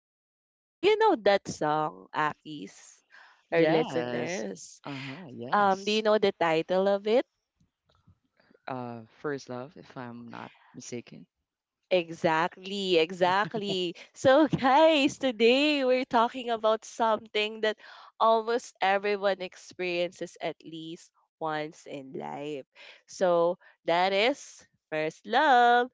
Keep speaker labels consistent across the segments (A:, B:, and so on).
A: know. Do you know that song, Akis? Our
B: Yes.
A: listeners.
B: Uh-huh.
A: Do you
B: Yes.
A: know the title of it?
B: First love, if I'm not mistaken.
A: Exactly, exactly. So, guys, today we're talking about something that almost everyone experiences at least once in life. So, that is first love.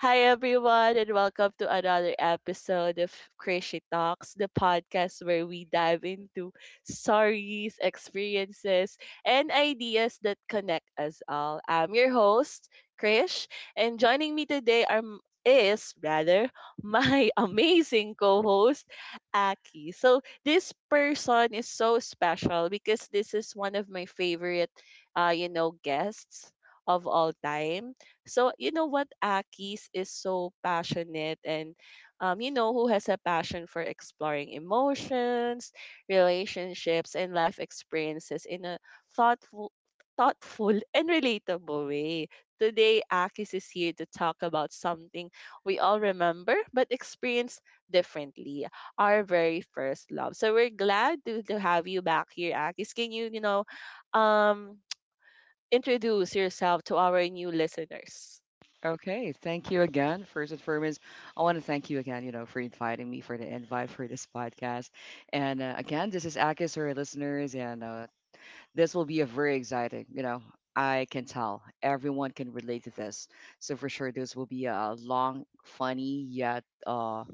A: Hi, everyone, and welcome to another episode of Crazy Talks, the podcast where we dive into stories, experiences, and ideas that connect us all. I'm your host, Krish, and joining me today are is rather my amazing co-host Aki. So this person is so special because this is one of my favorite guests of all time. So you know what Aki's is so passionate and who has a passion for exploring emotions, relationships and life experiences in a thoughtful thoughtful and relatable way. Today Akis is here to talk about something we all remember but experience differently, our very first love. So we're glad to have you back here, Akis. Can you, you know, um, introduce yourself to our new listeners?
B: Okay. Thank you again, first and foremost. I want to thank you again, you know, for inviting me for the invite for this podcast. And again, this is Akis for our listeners, and this will be a very exciting, you know, I can tell everyone can relate to this. So for sure, this will be a long, funny yet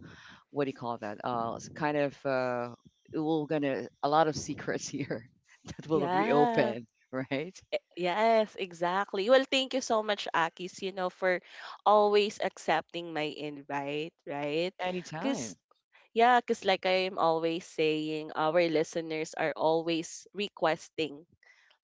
B: what do you call that? It's kind of we're gonna a lot of secrets here that will
A: Yeah.
B: reopen, right?
A: Yes, exactly. Well, thank you so much, Akis, you know, for always accepting my invite, right?
B: Anytime.
A: Because, yeah, because like I'm always saying, our listeners are always requesting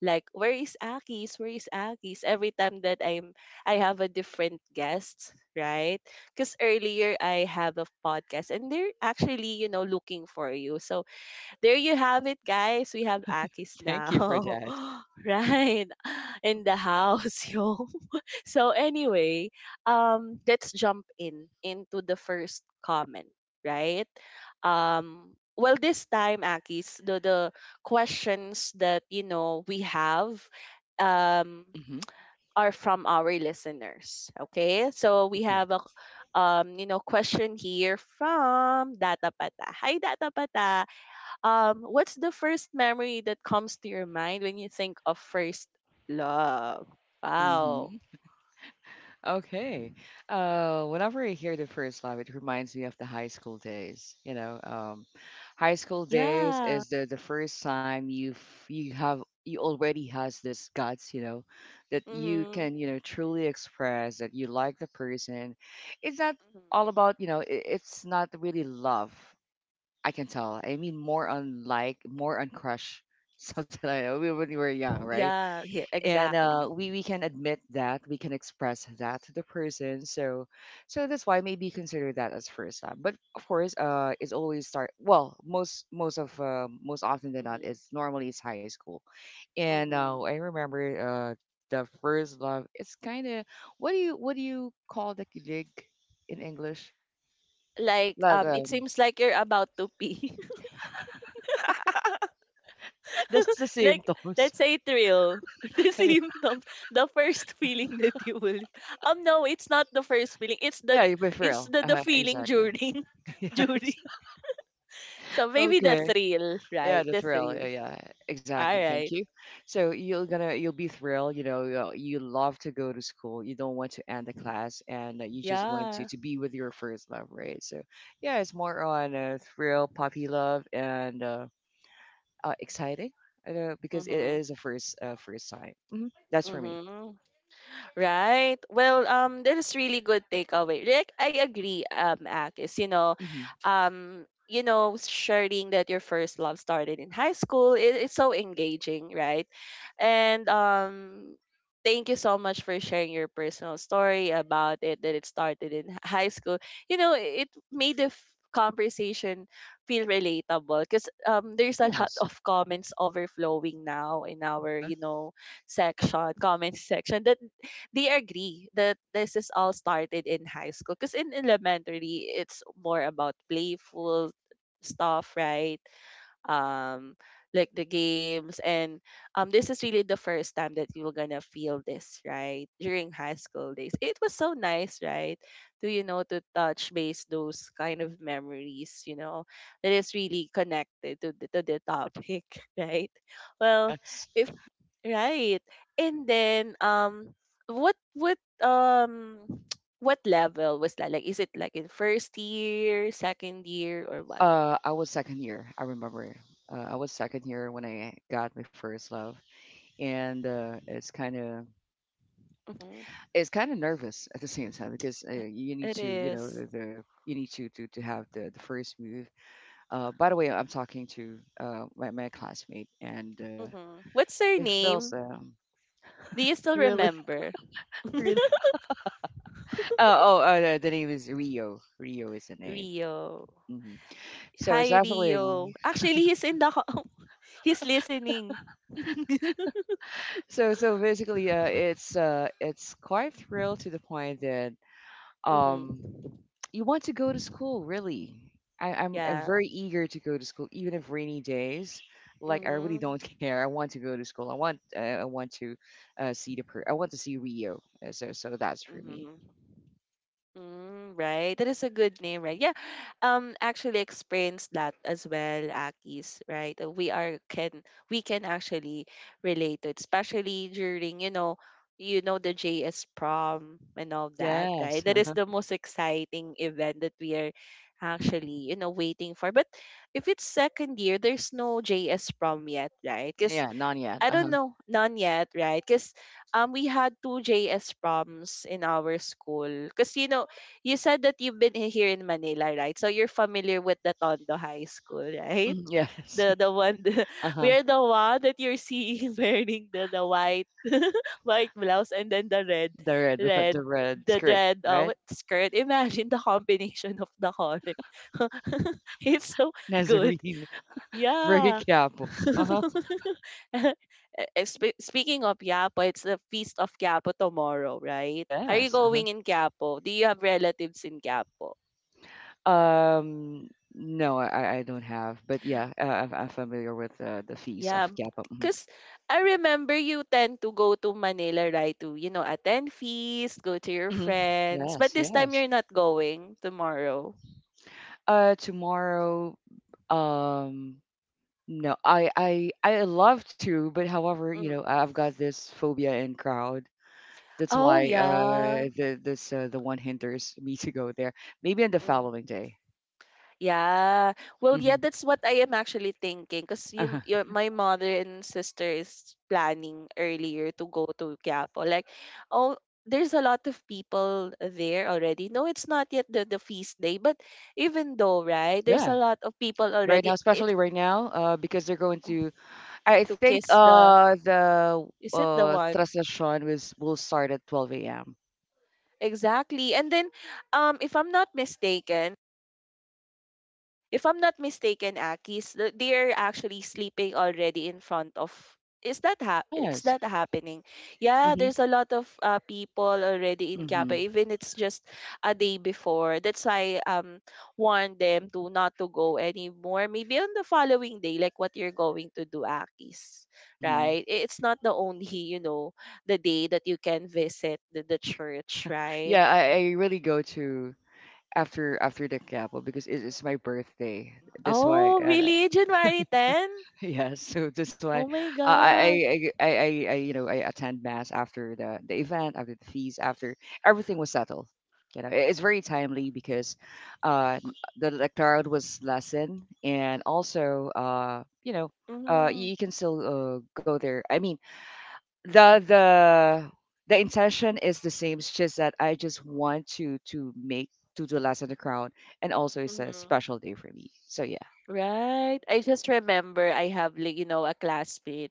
A: like where is Akis? Where is Akis? Every time that I have a different guest, right? Because earlier I have a podcast and they're actually, you know, looking for you. So there you have it, guys. We have Akis
B: Thank you for
A: now,
B: that.
A: right, in the house, yo. So anyway, let's jump in into the first comment, right? Well, this time, Akis, the questions that you know we have, um,
B: hmm
A: are from our listeners. Okay, so we
B: Okay.
A: have a you know, question here from Data Pata. Hi, Data Pata. What's the first memory that comes to your mind when you think of first love? Wow.
B: hmm Okay. Whenever I hear the first love, it reminds me of the high school days. You know, high school days
A: Yeah.
B: is the first time you've you have you already has this guts. You know, that you
A: Mhm.
B: can truly express that you like the person. It's not all
A: Mhm.
B: about you know. It's not really love. I can tell. I
A: Mhm.
B: mean, more on like, more on crush. Something like that. When we were young, right?
A: Yeah, yeah,
B: And
A: exactly.
B: we can admit that we can express that to the person, so that's why maybe consider that as first time. But of course, it's always start, well, most often than not,
A: Mhm.
B: it's normally it's high school. And
A: Mhm.
B: I remember the first love, it's kind of, what do you call, the kilig in English.
A: Like
B: Like
A: it seems like you're about to pee.
B: that's the
A: Like,
B: symptoms.
A: let's say thrill, the symptoms, the first feeling that you will no, it's not the first feeling, it's the,
B: Yeah, yeah, but for
A: it's
B: real,
A: the feeling
B: exactly.
A: during
B: Yes.
A: during. So maybe the
B: Okay.
A: thrill,
B: Yeah,
A: right?
B: the
A: The
B: thrill. Yeah,
A: thrill.
B: yeah, exactly.
A: All
B: Thank
A: right.
B: you. So you'll be thrilled. You know, you love to go to school. You don't want to end the class, and you just want to
A: Yeah.
B: to be with your first love, right? So yeah, it's more on thrill, puppy love, and exciting, because it is
A: Mhm.
B: a first time. That's for me.
A: Mhm. Right. Well, that is really good takeaway. Like I agree, Akis.
B: Hmm.
A: You know, sharing that your first love started in high school, it's so engaging, right? And thank you so much for sharing your personal story about it that it started in high school. You know, it made the conversation feel relatable because there's a lot
B: Yes.
A: of comments overflowing now in our,
B: Uh-huh.
A: you know, section, comment section that they agree that this is all started in high school because in elementary it's more about playful stuff, right? um like the games and this is really the first time that you were gonna feel this, right? During high school days it was so nice, right? To, you know, to touch base those kind of memories, you know, that is really connected to the topic, right? Well,
B: Yes.
A: if, right, and then what um what level was that, like is it like in first year, second year,
B: Oh,
A: or what?
B: I was second year, I remember. I was second year when I got my first love, and it's kind of
A: Mm-hmm.
B: it's kind of nervous at the same time, because
A: I-
B: you need
A: It
B: to, you know,
A: is.
B: you need to have the first move. Uh, by the way, I'm talking to my classmate, and
A: Mm-hmm. What's her
B: it feels
A: name? Do you still
B: really
A: remember?
B: really. Oh, the name is Rio. Rio is the name.
A: Rio.
B: Hmm. So it's
A: Hi,
B: actually
A: Rio.
B: a-
A: Actually, he's in the he's listening.
B: So basically, it's quite thrilled, to the point that um
A: Mm-hmm.
B: you want to go to school, really. I'm
A: Yeah.
B: very eager to go to school, even if rainy days. Like, I really don't
A: Mm-hmm.
B: care. I want to go to school. I want to I want to see Rio. So that's for me.
A: Mm-hmm. Mm, right. That is a good name, right? Yeah. Actually experienced that as well, Akis, right? We are can we can actually relate it, especially during, you know the JS prom and all that, right?
B: Yes.
A: That is the most exciting event that we are actually, you know, waiting for. But if it's second year, there's no JS prom yet, right? Because
B: Yeah. Not yet.
A: I
B: Uh
A: don't
B: huh.
A: know, none yet, right? Because we had two JS proms in our school. Because you know, you said that you've been here in Manila, right? So you're familiar with the Tondo High School, right?
B: Yes.
A: The one
B: Uh
A: we
B: huh.
A: are the one that you're seeing wearing the white white blouse and then the red
B: The red
A: red
B: the red
A: the
B: skirt,
A: red
B: right?
A: what, skirt. Imagine the combination of the color. It's so good.
B: Nazarene. Very
A: Yeah.
B: careful. Uh huh.
A: Eh, Speaking of Quiapo, it's the feast of Quiapo tomorrow, right? Are you
B: Yes. Uh
A: going in Quiapo? Do you have relatives in Quiapo?
B: huh. No, I don't have. But yeah, I'm familiar with the feast of
A: Yeah,
B: Kappa.
A: because I remember you tend to go to Manila, right? To, you know, attend feast, go to your
B: Mhm.
A: friends. But
B: Yes,
A: this time
B: yes.
A: you're not going tomorrow.
B: Tomorrow, um, no, I love to, but however, you know,
A: Mm.
B: I've got this phobia in crowd. That's
A: Oh,
B: why,
A: yeah.
B: the one hinders me to go there. Maybe on the
A: Mm.
B: following day.
A: Yeah. Well, yeah,
B: Hmm.
A: that's what I am actually thinking because
B: Uh-huh.
A: my mother and sister is planning earlier to go to Quiapo. Like, oh, there's a lot of people there already. No, it's not yet the feast day, but even though, right, there's a
B: Yeah,
A: lot of people
B: right
A: already
B: now,
A: it,
B: especially right now, because they're going to. I
A: to
B: think,
A: kiss the,
B: the
A: is it the
B: uh
A: one?
B: transition was will start at 12 a.m.
A: Exactly. And then, if I'm not mistaken, if I'm not mistaken, Akis, they're actually sleeping already in front of. Is that is
B: Yes.
A: that happening? Yeah,
B: Mm-hmm.
A: there's a lot of people already in Kappa,
B: Mm-hmm.
A: even it's just a day before. That's why warn them to not to go anymore. Maybe on the following day, like what you're going to do, Akis,
B: Mm-hmm.
A: right? It's not the only you know the day that you can visit the church, right?
B: Yeah, I really go to, after the Capel, because it is my birthday. That's why,
A: Oh, really? January 10?
B: yeah. So that's why
A: Oh my God.
B: I, you know I attend mass, after the event, after the feast, after everything was settled. You know, it's very timely, because uh, the electorate was lessened, and also you,
A: Mhm.
B: you can still go there. I mean, the the the intention is the same. It's just that I just want to do less in the crowd, and also it's a
A: Mhm.
B: special day for me. So yeah.
A: Right. I just remember I have like you know a classmate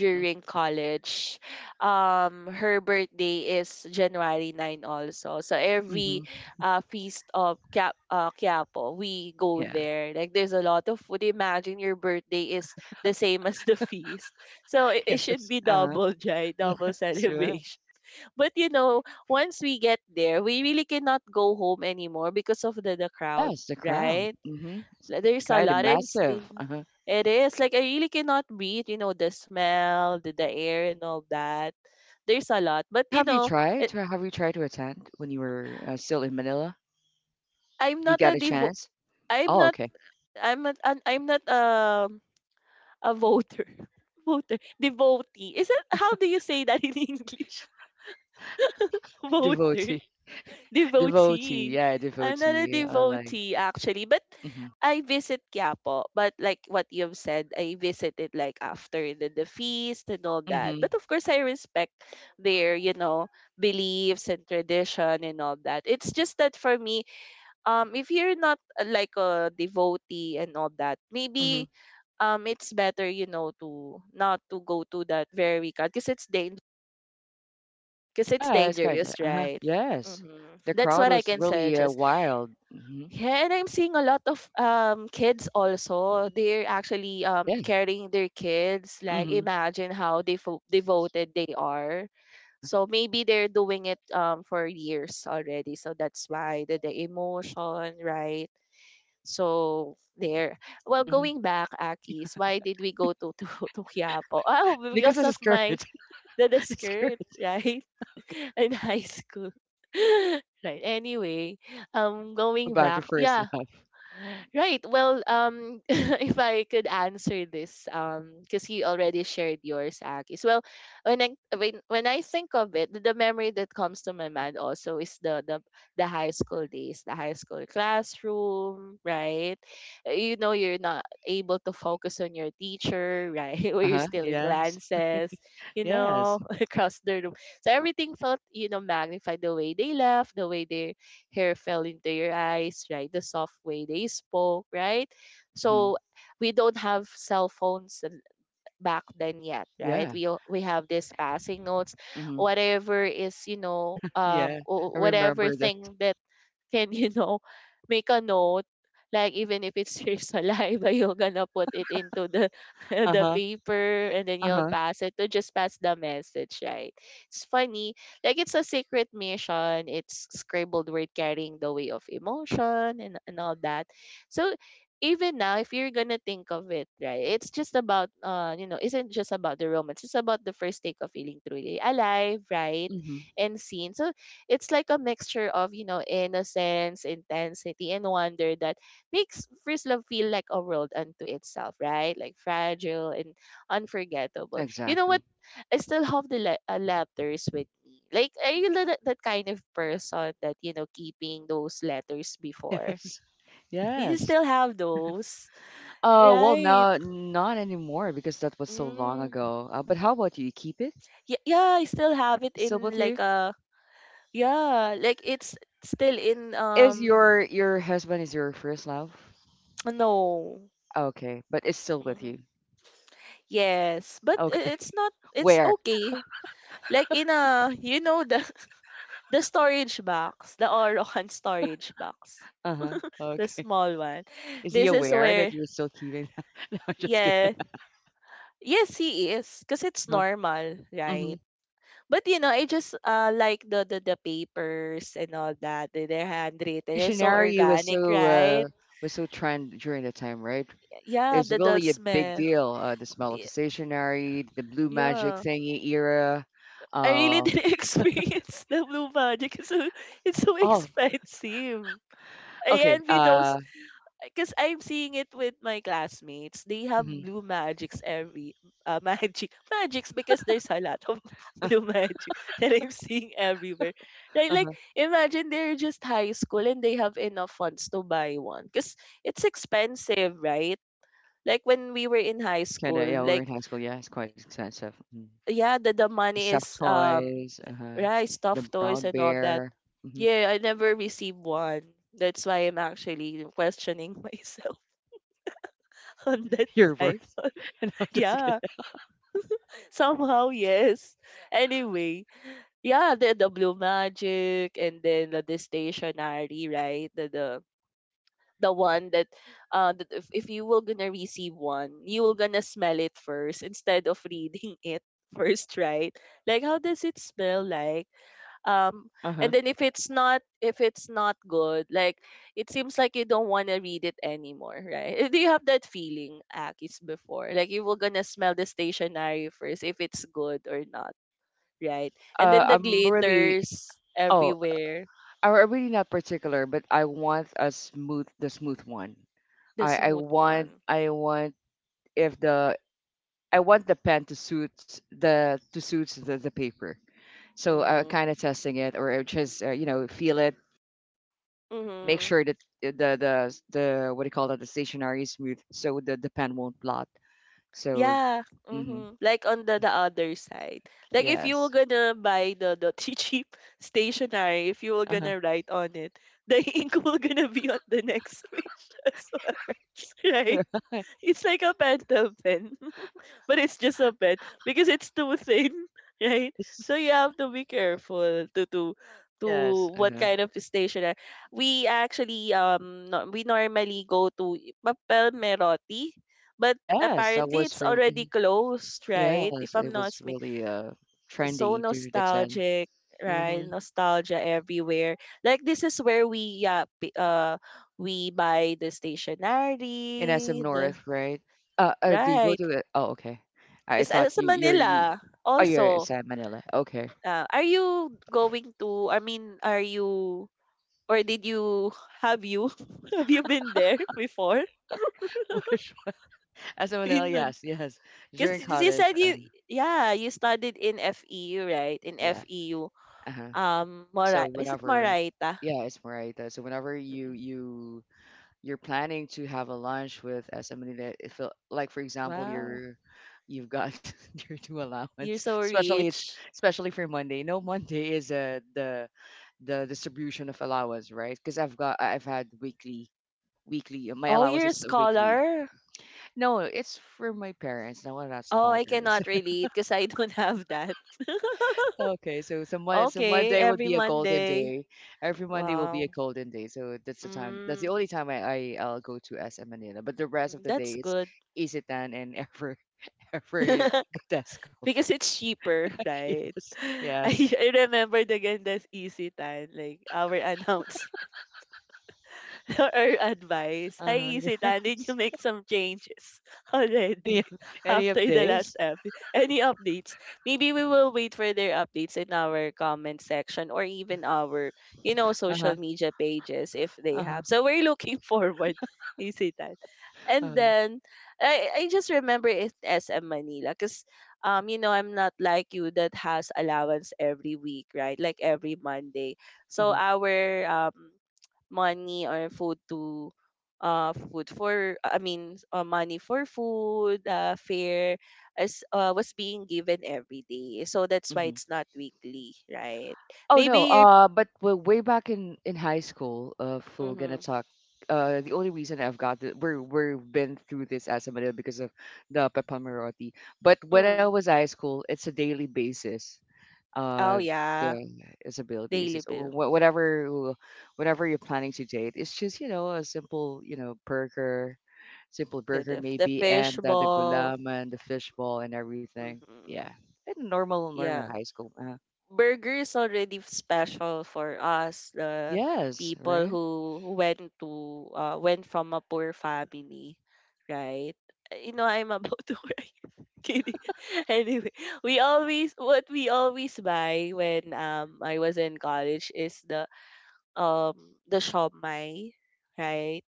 B: Mm-hmm.
A: college. Her birthday is January 9 also. So every
B: Mm-hmm.
A: feast of Kia Quiapo, we go
B: Yeah.
A: there. Like there's a lot of food. Imagine your birthday is the same as the feast. So it
B: Yes.
A: should be
B: Uh-huh.
A: double joy,
B: Yes.
A: double
B: Right.
A: celebration. But you know, once we get there, we really cannot go home anymore because of the crowd,
B: Yes. The crowd.
A: right?
B: Mm-hmm. It's
A: Like, there's a
B: kind of
A: lot. And
B: massive. Uh-huh.
A: it is. Like, I really cannot beat, you know, the smell, the air, and all that. There's a lot. But,
B: But
A: you
B: have you
A: know,
B: tried
A: it,
B: to Have you tried to attend when you were still in Manila?
A: I'm
B: You
A: not
B: got
A: a
B: a
A: devo.
B: chance?
A: I'm
B: Oh,
A: not,
B: okay.
A: I'm not a voter. Voter. Devotee. Is it, how do you say that in English? Voter.
B: Devotee. Devotee.
A: Devotee.
B: Yeah,
A: I'm not a
B: devotee. I like.
A: devotee actually, but
B: Mm-hmm.
A: I visit Quiapo. But like what you've said, I visited like after the feast and all that.
B: Mm-hmm.
A: But of course, I respect their you know beliefs and tradition and all that. It's just that for me, if you're not like a devotee and all that,
B: Mm-hmm.
A: maybe it's better you know to not to go to that very because it's cause it's
B: Yeah, it's kinda,
A: dangerous,
B: uh-huh,
A: right?
B: yes.
A: Hmm,
B: The
A: that's
B: crowd
A: what I
B: was
A: can
B: really,
A: suggest.
B: wild. Mhm.
A: Yeah, and I'm seeing a lot of kids also. They're actually
B: Yeah.
A: carrying their kids. Like
B: Mhm.
A: imagine how they fo devoted they are.
B: Uh-huh.
A: So maybe they're doing it for years already. So that's why the emotion, right? So there. Well,
B: Mhm.
A: going back, Akis, why did we go to to Quiapo? Oh,
B: Because
A: because
B: it's a
A: of
B: skirt.
A: my the
B: The skirt.
A: skirt, right?
B: Okay.
A: In high school. Right. Anyway, going
B: Go back
A: back,
B: to first
A: yeah.
B: love.
A: Right. Well, if I could answer this, because you already shared yours, Akis. Well, when I when I think of it, the memory that comes to my mind also is the high school days, the high school classroom, right? You know, you're not able to focus on your teacher, right? Or you're
B: Uh-huh,
A: stealing
B: yes.
A: glances, you
B: Yes.
A: know, across the room. So everything felt, you know, magnified, the way they laugh, the way they hair fell into your eyes, right? The soft way they spoke, right? So
B: Mhm.
A: we don't have cell phones back then yet, right?
B: Yeah.
A: We have this passing notes,
B: Mhm.
A: whatever is you know
B: Yeah. I
A: whatever
B: remember that.
A: thing that can you know make a note, like even if it's your saliva, you're gonna put it into the the
B: Uh-huh.
A: paper and then you'll
B: Uh-huh.
A: pass it to just pass the message, right? It's funny, like it's a secret mission, it's scribbled word carrying the way of emotion, and all that. So even now if you're gonna think of it, right, it's just about you know, isn't just about the romance, it's about the first take of feeling truly alive, right?
B: Mhm.
A: And seen. So it's like a mixture of, you know, innocence, intensity, and wonder that makes first love feel like a world unto itself, right? Like fragile and unforgettable. You know what?
B: Exactly.
A: I still have the letters with me. Like, are you that kind of person that, you know, keeping those letters before?
B: Yes.
A: Do you
B: Yes.
A: still have those?
B: Well,
A: Right.
B: now not anymore, because that was so long
A: Mm.
B: ago. But how about you? You keep it?
A: Yeah, yeah, I still have it
B: Still
A: in
B: with you?
A: like a yeah, like it's still in
B: Is your your husband is your first love?
A: no.
B: Okay, but it's still with
A: Mm-hmm.
B: you.
A: Yes, but
B: Okay.
A: it's not it's
B: Where?
A: okay. Like in a you know the the storage box, the Orocan storage box,
B: Uh-huh.
A: the
B: Okay.
A: small one.
B: Is he
A: This is
B: aware that
A: where
B: you're still keeping that? No, I'm just kidding.
A: yeah, yes he is because it's
B: Uh-huh.
A: normal, right?
B: hmm
A: But you know, I just like the papers and all that. They're handwritten. They're so
B: Stationery was
A: organic,
B: so uh
A: right?
B: was so trend during the time, right? It
A: Yeah,
B: was
A: the
B: really a big
A: smell.
B: deal. The smell of
A: y-
B: the stationery, the blue magic
A: Yeah.
B: thingy era.
A: I really
B: Uh
A: didn't experience the blue magic. It's so
B: oh,
A: expensive. I
B: okay.
A: envy those because I'm seeing it with my classmates. They have
B: Mm-hmm.
A: blue magics every magics because there's a lot of
B: Uh,
A: blue magic that I'm seeing everywhere. Like
B: huh.
A: imagine they're just high school and they have enough funds to buy one because it's expensive, right? Like when we were in high
B: It's kinda,
A: school,
B: yeah, we were
A: like
B: in high school, yeah, it's quite expensive. Mm-hmm.
A: yeah, the
B: The
A: money
B: stuffed
A: is
B: toys,
A: right,
B: the
A: stuffed toys
B: brown
A: and all that.
B: bear. hmm
A: Yeah, I never received one. That's why I'm actually questioning myself on that
B: Your
A: time.
B: words. No, just kidding.
A: Yeah, somehow yes. Anyway, yeah, the blue magic and then the stationery, right? The the one that that if you were gonna receive one, you were gonna smell it first instead of reading it first, right? Like how does it smell like? um
B: Uh-huh.
A: and then if it's not good, like it seems like you don't want to read it anymore, right? Eh, do you have that feeling, akis, before? Like you were gonna smell the stationery first if it's good or not, right? And then the
B: I'm really,
A: glitters
B: oh,
A: everywhere.
B: I'm really not particular, but I want a smooth, the smooth one.
A: The smooth one.
B: I want if the, I want the pen to suits the paper. So I'm
A: Mm-hmm.
B: kind of testing it, or I just, feel it, and make
A: Mm-hmm.
B: sure that what do you call that, the stationery is smooth, so the pen won't blot. So,
A: Yeah.
B: mhm.
A: Hmm. Like on the other side. Like if you
B: Yes.
A: were gonna buy the cheap stationery, if you were
B: Uh-huh.
A: gonna write on it, the ink will gonna be on the next page as well. Right?
B: Right.
A: It's like a pencil pen but it's just a pet because it's too thin, right?
B: Yes.
A: So you have to be careful to
B: Yes.
A: what
B: Uh-huh.
A: kind of stationery. We actually no, we normally go to Papel Merotti, but
B: Yes, that
A: apparently
B: was
A: it's
B: from
A: already
B: mhm.
A: closed, right?
B: Yes,
A: If
B: it
A: I'm not
B: was really
A: so
B: trendy due to the 10.
A: nostalgic, right?
B: Mm-hmm.
A: Nostalgia everywhere. Like this is where we yeah we buy the
B: In SM
A: stationery, the
B: North, right? Do you go
A: right.
B: to it? Oh, okay. I thought
A: It's
B: you you're you
A: Manila
B: Oh, you're in
A: also.
B: San Manila. Okay.
A: Are you going to, I mean, are you, or did you, have you, have you been there before?
B: Which SM Manila,
A: Because
B: yes, yes. During
A: you
B: college,
A: said you, yeah, you studied in FEU, right? In
B: yeah.
A: FEU.
B: Uh-huh. So
A: Mora, is it
B: whenever
A: Moraita?
B: Yeah, it's right. So whenever you
A: Mm-mm.
B: you you're planning to have a lunch with somebody, that it feel like, for example,
A: Wow.
B: you're you've got your two allowance,
A: You're so rich.
B: especially for Monday. No, Monday is the distribution of allowance, right? Because I've had weekly, my
A: Oh,
B: allowance
A: you're a
B: is weekly.
A: scholar.
B: No, it's for my parents, no one that's
A: Oh, I
B: coggers.
A: cannot relate because I don't have that.
B: Okay, so, so
A: Okay,
B: Monday would
A: every
B: be a golden
A: Monday.
B: day. Every Monday will be
A: Wow.
B: a golden day. So that's
A: Mm,
B: the time. That's the
A: mhm,
B: only time I'll go to SM Manila. But the rest of the day
A: that's
B: it's
A: good.
B: Isitan and ever ever Godesco.
A: Because it's cheaper, right?
B: Yes, yes.
A: I remembered again that easy tan, like our announcer. Or advice, hi
B: Uh-huh,
A: Isita, did you
B: yes.
A: make some changes
B: Any
A: already
B: of any of
A: after the last
B: days.
A: episode? Any updates? Maybe we will wait for their updates in our comment section or
B: Uh-huh,
A: even our, you know,
B: uh-huh,
A: social media pages if they
B: uh-huh.
A: have. So we're looking forward, Isita. And
B: Uh-huh,
A: then I just remember it SM Manila because you know I'm not like you that has allowance every week, right? Like every Monday. So
B: mm-hmm,
A: our money or food to food for I mean money for food, fare as was being given every day, so that's why
B: mm-hmm.
A: it's not weekly, right?
B: Oh
A: Maybe
B: no,
A: you
B: but way back in high school, full gonna
A: mm-hmm.
B: talk. The only reason I've got the, we're we've been through this as a Manila because of the papamaroti. But when I
A: Mm.
B: was high school, it's a daily basis.
A: Oh
B: Uh,
A: yeah.
B: Thing it's a daily
A: Daily
B: basis.
A: bill,
B: Whatever, whatever you're planning to date, it's just, a simple, burger, simple
A: the
B: burger
A: the, the
B: maybe,
A: fish
B: and the
A: ball.
B: gulaman, the fishball, and everything.
A: Mm-hmm.
B: Yeah, and normal
A: Yeah.
B: high school.
A: Burger is already special for us, the
B: Yes,
A: people
B: right?
A: who went to went from a poor family, right? You know, I'm about to cry, kidding. Anyway, we always buy when I was in college is um the shawmai, right?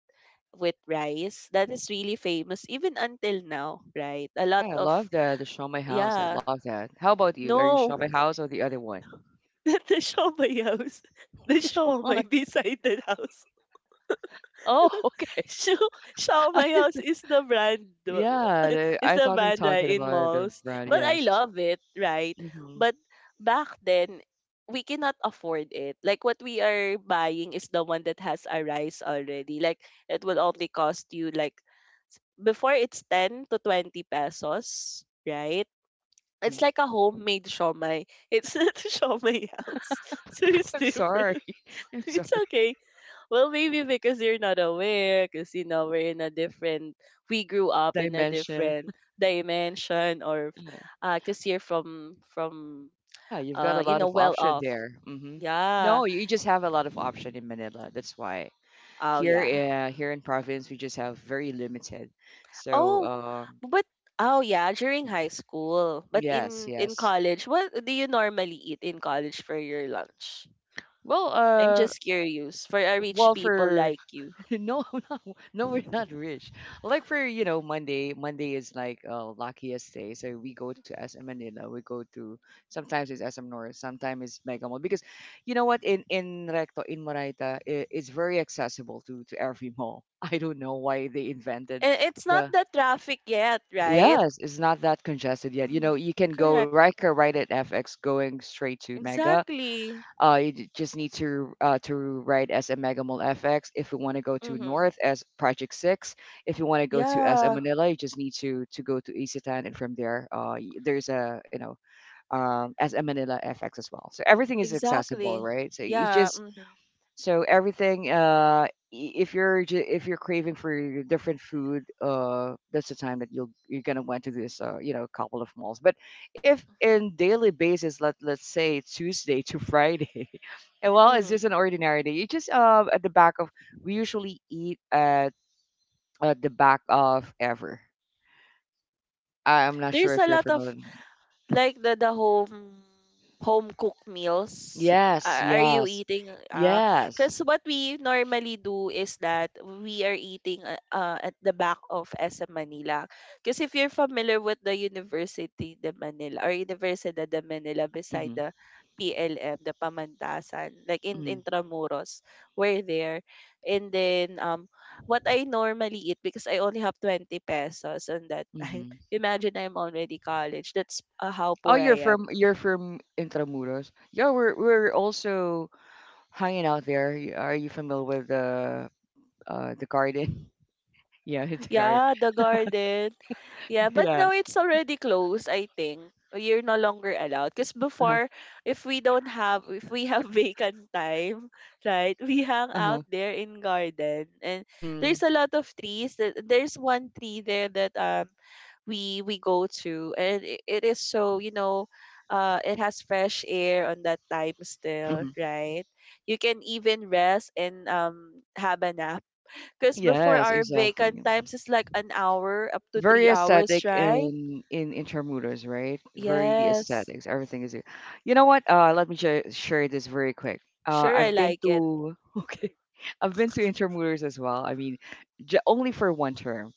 A: With rice, that is really famous even until now, right? A lot
B: Yeah, I
A: of
B: love that, the Show My House, I
A: yeah,
B: love that. How about you? Are you
A: no.
B: Show My House or the other one?
A: The Siomai house. The
B: Which one?
A: Siomai beside the house.
B: Oh, okay.
A: Sio
B: I
A: Siomai house
B: th Yeah, the
A: is
B: I
A: the
B: thought we were
A: brand, right,
B: talking
A: in
B: about the
A: malls.
B: brand,
A: Well, I
B: yes.
A: love it, right?
B: Mhm,
A: But back then, we cannot afford it. Like, what we are buying is the one that has a rice already. Like, it will only cost you, like, before it's 10 to 20 pesos, right?
B: mhm.
A: It's like a homemade siomai. It's not a siomai house. So it's
B: I'm sorry,
A: different.
B: I'm sorry.
A: It's okay. Well, maybe because you're not aware, because you know we're in a different. We grew up in a
B: Dimension.
A: different dimension, or
B: Mhm.
A: because you're from
B: Yeah, you've got a lot
A: you
B: of
A: know, well
B: option
A: off.
B: there, mhm. No,
A: Yeah.
B: you just have a lot of option in Manila, that's why.
A: Oh
B: Here,
A: yeah.
B: here in province, we just have very limited. So,
A: Oh, but oh yeah, during high school, but
B: yes,
A: in
B: yes.
A: college, what do you normally eat in college for your lunch?
B: Well,
A: I'm just curious for a rich
B: well,
A: people
B: for
A: like you.
B: No, no, no, we're not rich. Like for, Monday, Monday is like luckiest day. So we go to SM Manila, we go to sometimes it's SM North, sometimes it's Mega Mall. Because you know what, in Recto, in Moraita, I it's very accessible to every mall. I don't know why they invented
A: And it's not
B: the
A: the traffic yet, right?
B: yes, it's not that congested yet. You
A: Mhm.
B: know, you can go
A: Correct.
B: Riker right at FX going straight to Mega,
A: Exactly.
B: just need to write as a megamol FX. If you want to go to
A: Mhm.
B: north as Project 6, if you want to go to as a
A: Yeah,
B: Manila, you just need to go to Isitan, and from there, there's a as a Manila FX as well. So everything is accessible,
A: exactly.
B: right? So you
A: Yeah,
B: just
A: mhm.
B: so everything, if if you're craving for your different food, that's the time that you're gonna went to this, couple of malls. But if in daily basis, let's say Tuesday to Friday, and well, it's
A: Mhm.
B: just an ordinary day. You just at the back of we usually eat at the back of ever. I'm not sure
A: There's
B: if
A: a
B: you're
A: lot of,
B: familiar.
A: like the home, home cooked meals.
B: Yes,
A: Are you
B: yes,
A: eating?
B: yes.
A: Cause what we normally do is that we are eating at the back of SM Manila. Cause if you're familiar with the University de Manila or Universidad de Manila beside
B: Hmm.
A: the PLM, the Pamantasan, like in Intramuros, we're there. And then what I normally eat because I only have 20 pesos on that.
B: Hmm.
A: Imagine I'm already college. That's how
B: Oh,
A: poor I am.
B: you're from Intramuros. Yeah, we're also hanging out there. Are you familiar with the garden? Yeah, it's a garden.
A: Yeah, the garden. Yeah, but now
B: Yes.
A: it's already closed, I think. You're no longer allowed. Because
B: Uh-huh.
A: before, if we have vacant time, right, we hang out
B: Uh-huh.
A: there in garden. And there's
B: Hmm.
A: a lot of trees. There's one tree there that we go to. And it is so, you know, it has fresh air on that time still,
B: Hmm.
A: right? You can even rest and have a nap because before
B: Yes,
A: our
B: exactly.
A: vacant times is like an hour up to
B: Very
A: 3 hours,
B: aesthetic
A: right?
B: in Intramuros, right? Very
A: Yes.
B: aesthetics. Everything is. You know what? Let me share this very quick.
A: Sure, I
B: I've been
A: like it.
B: to okay. I've been to Intramuros as well. I mean, j only for 1 term.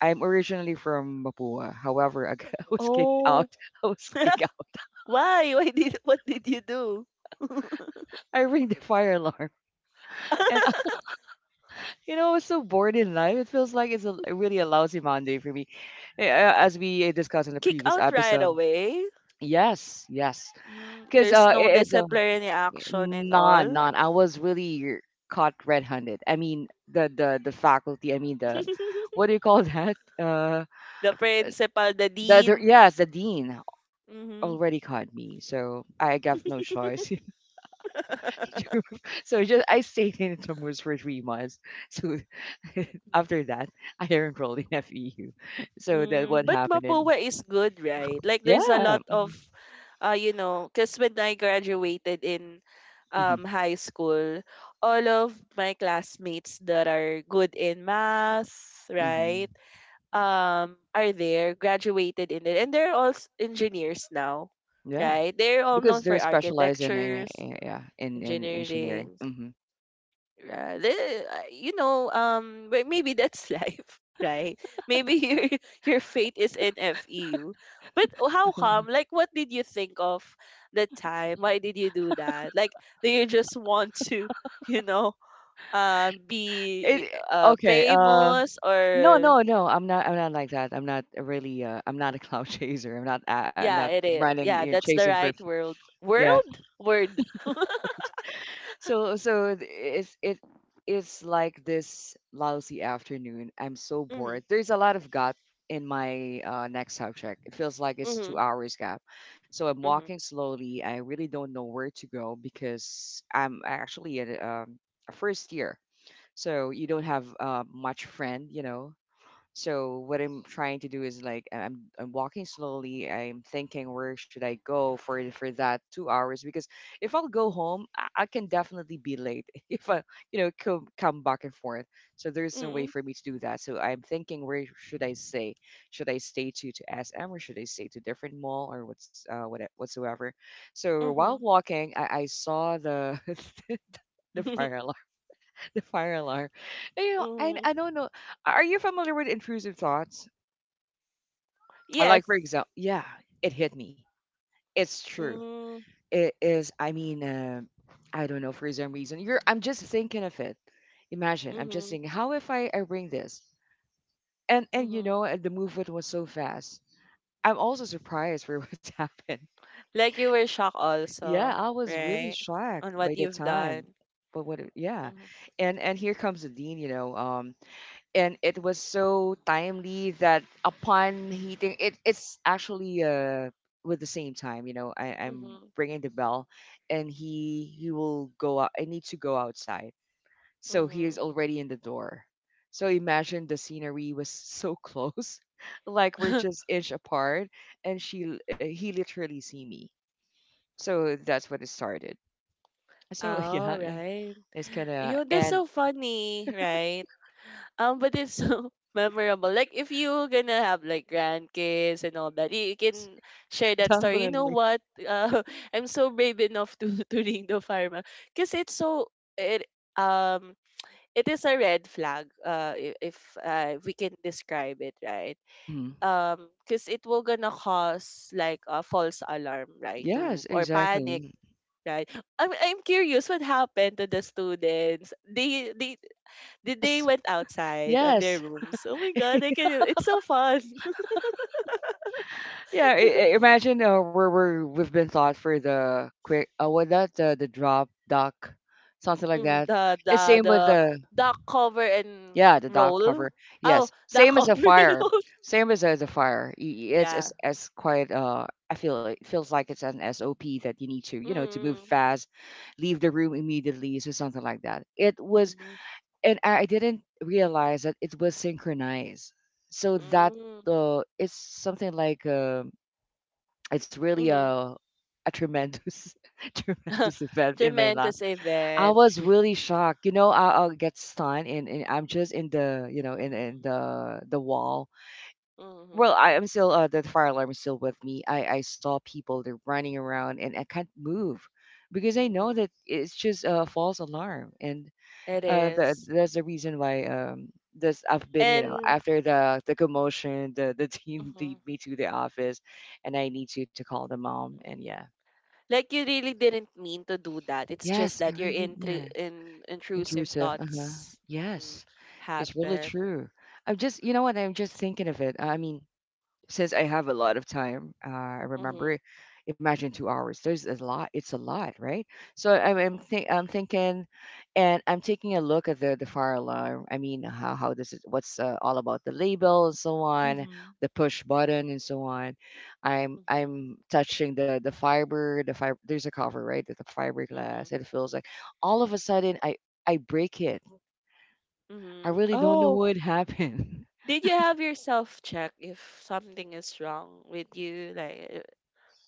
B: I'm originally from Mapua. However, I was kicked out.
A: Oh,
B: I was kicked out.
A: why? Why did what did you do?
B: I ring the fire alarm. And, uh, you know, I was so bored in life. It feels like it's a, really a lousy Monday for me. As we discussed in the
A: Kick
B: previous
A: out right
B: episode.
A: away.
B: Yes, yes.
A: Mm,
B: Because
A: there's no
B: it's a
A: disciplinary action and
B: non,
A: all.
B: non. I was really caught red-handed. I mean, the faculty, I mean, the, what do you call that?
A: The principal, the dean.
B: Yes, the dean
A: Mm-hmm.
B: already caught me. So I got no choice. So just I stayed in Intramuros for 3 months. So after that, I enrolled in FEU. So that
A: Mm,
B: what
A: but
B: happened, and
A: Mapua is good, right? Like there's a
B: yeah.
A: lot of you know, cuz when I graduated in
B: Hmm.
A: high school, all of my classmates that are good in math,
B: Hmm.
A: right? Um, are there, graduated in it. And they're all engineers now,
B: Yeah,
A: right? They're all
B: because
A: known
B: they're
A: for
B: specialized in
A: architectures,
B: yeah in engineering.
A: engineering.
B: Hmm.
A: Right. You know, but maybe that's life, right? Maybe your your fate is in FEU. But how come? Like, what did you think of the time? Why did you do that? Like, do you just want to, you know, be eh,
B: It
A: uh
B: okay. Uh,
A: famous
B: no,
A: or
B: no, no. I'm not. I'm not like that. I'm not really. I'm not a cloud chaser. I'm not. I'm
A: yeah,
B: not
A: it is.
B: running you
A: Yeah,
B: know,
A: that's the
B: chasing for.
A: right world.
B: Yeah.
A: World word.
B: So it's it's like this lousy afternoon. I'm so
A: Mhm.
B: bored. There's a lot of gap in my next subject. It feels like it's two
A: Mhm.
B: hours gap. So I'm walking
A: Mhm.
B: slowly. I really don't know where to go because I'm actually at a 1st year. So you don't have much friend, you know. So what I'm trying to do is like I'm walking slowly. I'm thinking where should I go for that 2 hours because if I'll go home, I can definitely be late if I you know come back and forth. So there's no way
A: Mhm.
B: for me to do that. So I'm thinking where should I stay? Should I stay to SM or should I stay to different mall or what's what whatsoever? So while
A: Mhm.
B: walking, I saw the the fire alarm the fire alarm. You know
A: Mhm.
B: I don't know. Are you familiar with intrusive thoughts? I
A: Yes.
B: like for example, yeah, it hit me. It's true.
A: Mm-hmm.
B: It is. I mean, I don't know for some reason. You're. I'm just thinking of it. Imagine. I'm just
A: Mm-hmm.
B: thinking. How if I bring this? And you
A: Mhm.
B: know, and the movement was so fast. I'm also surprised for what happened.
A: Like you were shocked
B: Yeah,
A: also,
B: I was really
A: right?
B: shocked
A: On
B: by
A: what
B: the
A: you've
B: time.
A: done.
B: But what? Yeah,
A: Mhm.
B: and here comes the dean. And it was so timely that upon heating it it's actually with the same time I'm
A: Mhm.
B: bringing the bell, and he will go out. I need to go outside, so he is
A: Mhm.
B: already in the door. So imagine the scenery was so close like we're just inch apart, and he literally see me. So that's what it started. So yeah,
A: Right.
B: it's kind of
A: You that's
B: and
A: so funny, right? But it's so memorable. Like if you gonna have like grandkids and all that, you can share that story. You know
B: definitely.
A: what? Uh, I'm so brave enough to to ring the fireman because it's so it um it is a red flag. If we can describe it, right?
B: Hmm.
A: Um, because it will gonna cause like a false alarm, right, to
B: Yes,
A: or panic,
B: exactly.
A: right? I'm curious what happened to the students. They Did they
B: Yes.
A: went outside on their
B: Yes.
A: rooms? Oh my god, I can, it's so fun.
B: Yeah. Imagine we've been thought for the quick. What that the drop dock, something like
A: Mhm,
B: that.
A: the
B: It's
A: the
B: same with
A: the
B: the
A: duck cover and
B: yeah the dock
A: roll.
B: cover.
A: Oh,
B: Yes.
A: duck
B: Same as a
A: cover and
B: fire.
A: roll.
B: Same as a, the fire. It's
A: Yeah.
B: as quite. I feel it feels like it's an SOP that you need to you know to move
A: Mm,
B: fast, leave the room immediately, so something like that. It was,
A: mm,
B: and I didn't realize that it was synchronized. So that
A: mm,
B: it's something like it's really
A: mm,
B: a tremendous tremendous event in my life.
A: tremendous
B: I
A: event.
B: was really shocked. You know, I'll get stunned and I'm just in the you know
A: Mm,
B: in the wall.
A: hmm.
B: Well, I am still the fire alarm is still with me. I saw people they're running around and I can't move because I know that
A: Mm-hmm.
B: it's just a false alarm and
A: It
B: that
A: is.
B: that's the reason why this I've been you know
A: And
B: after the commotion the team
A: mhm.
B: lead me to the office, and I need to call the mom and yeah.
A: Like you really didn't mean to do that. It's just
B: Yes, I
A: that your
B: really did. Yeah,
A: intrusive
B: intrusive. Uh huh.
A: thoughts, mhm,
B: Yes, it's really
A: happen.
B: true. I'm just, you know what? I'm just thinking of it. I mean, since I have a lot of time, I
A: Hmm.
B: remember. Imagine 2 hours. There's a lot. It's a lot, right? So
A: Hmm.
B: I'm thinking, and I'm taking a look at the fire alarm. I mean, how does it? What's all about the label and so on,
A: Mm-hmm.
B: the push button and so on.
A: Hmm.
B: I'm touching the fiber. The fiber. There's a cover, right? The
A: Hmm.
B: fiberglass. It feels like all of a sudden I break it. I
A: Hmm.
B: really don't know
A: Oh,
B: what happened.
A: did you have yourself check if something is wrong with you?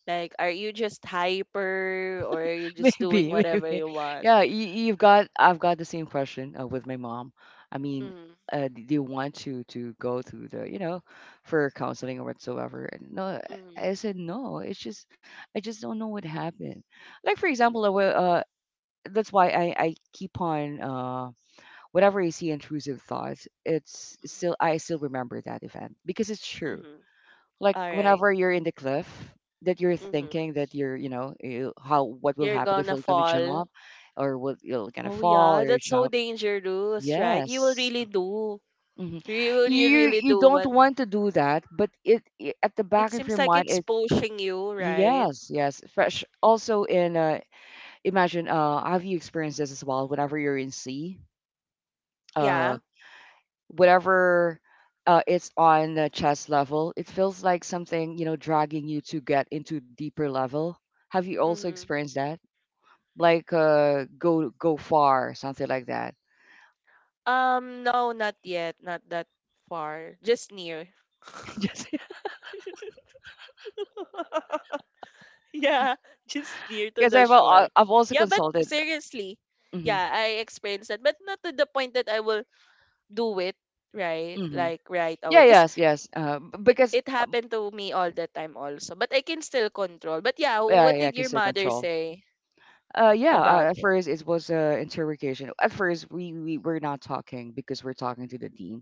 A: Like, are you just hyper or are you just doing
B: Maybe,
A: whatever
B: maybe.
A: you want?
B: Yeah, you've got. I've got the same question with my mom. I mean,
A: Mm-hmm.
B: do you want to go through the, you know, for counseling or whatsoever? And no,
A: Mm.
B: I said no. It's just, I just don't know what happened. Like for
A: Mm-hmm.
B: example, I will, that's why I keep on whatever I see intrusive thoughts. It's still I still remember that event because it's true
A: Mm.
B: like
A: Alright, right.
B: whenever you're in the cliff that you're
A: Mm-hmm.
B: thinking that you're you know you, how what will
A: You're
B: happen if
A: gonna
B: you're gonna
A: fall.
B: jump or what you're gonna
A: Oh
B: fall
A: yeah,
B: or
A: that's so
B: jump.
A: dangerous, right? You will
B: Yes.
A: really do.
B: Hmm.
A: You will you
B: you
A: really
B: you
A: do
B: don't
A: what
B: want to do that but it at the
A: it
B: back of
A: seems
B: your
A: like
B: mind
A: it's
B: it.
A: pushing you, right?
B: Yes, yes fresh also in imagine have you experienced this as well whenever you're in sea, uh,
A: Yeah.
B: whatever, it's on the chest level, it feels like something, you know, dragging you to get into deeper level. Have you also
A: Mm-hmm.
B: experienced that? Like go go far, something like that.
A: No, not yet. Not that far. Just near.
B: Just
A: Yeah, just near to
B: because
A: the shore.
B: I've also
A: Yeah, but
B: consulted.
A: seriously,
B: Hmm.
A: yeah, I experienced that, but not to the point that I will do it, right?
B: Hmm.
A: Like right
B: Yeah.
A: away, cause.
B: Yes. Yes. Because
A: It happened to me all the time also but I can still control but yeah
B: yeah,
A: what
B: yeah,
A: did your
B: consider
A: mother
B: control.
A: say
B: Yeah.
A: about
B: At
A: it
B: first, it was interrogation. At first, we were not talking because we're talking to the dean,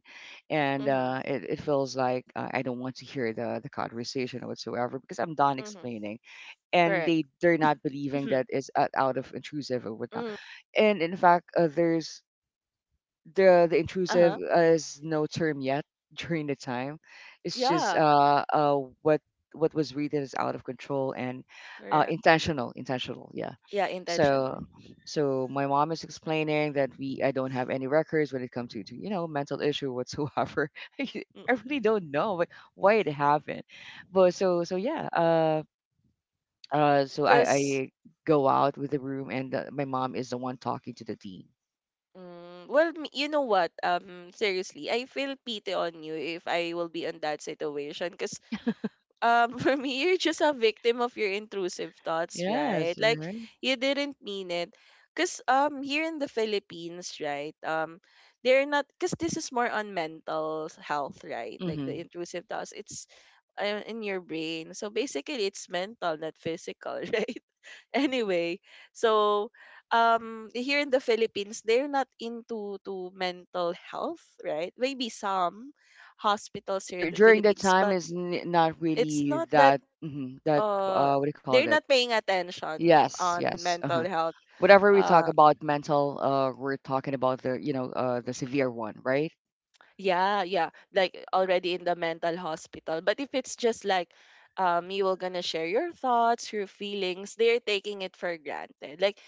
B: and
A: mm-hmm
B: it feels like I don't want to hear the conversation whatsoever because I'm done
A: mm-hmm
B: explaining, and
A: correct
B: they're not believing that
A: mm-hmm
B: it's out of intrusive or whatnot.
A: mm-hmm.
B: And in fact, there's the intrusive
A: Uh-huh.
B: is no term yet during the time. It's just
A: Yeah.
B: what was readed as out of control and
A: Correct.
B: intentional intentional yeah.
A: Yeah, intentional.
B: So so my mom is explaining that we I don't have any records when it comes to you know mental issue whatsoever. I really don't know why it happened, but so so yeah so
A: Because
B: I go out with the room and my mom is the one talking to the dean.
A: well, you know what, seriously, I feel pity on you if I will be in that situation because for me, you're just a victim of your intrusive thoughts,
B: Yes,
A: right? Like,
B: right.
A: you didn't mean it. Because here in the Philippines, right, they're not, because this is more on mental health, right? Like, the
B: Mm-hmm.
A: intrusive thoughts, it's in your brain, so basically it's mental, not physical. Right? Anyway, so here in the Philippines, they're not into to mental health, right? Maybe some hospitals here in the
B: During that
A: Philippines,
B: time
A: but
B: is not
A: it's
B: really
A: not that.
B: that mhm, that
A: uh
B: what do you call
A: they're
B: that.
A: not paying attention
B: Yes,
A: on
B: yes, uh-huh.
A: mental health.
B: Whatever we talk
A: Uh,
B: about mental we're talking about the you know the severe one, right?
A: yeah, yeah, like already in the mental hospital. But if it's just like, you were gonna share your thoughts, your feelings, they're taking it for granted. Like,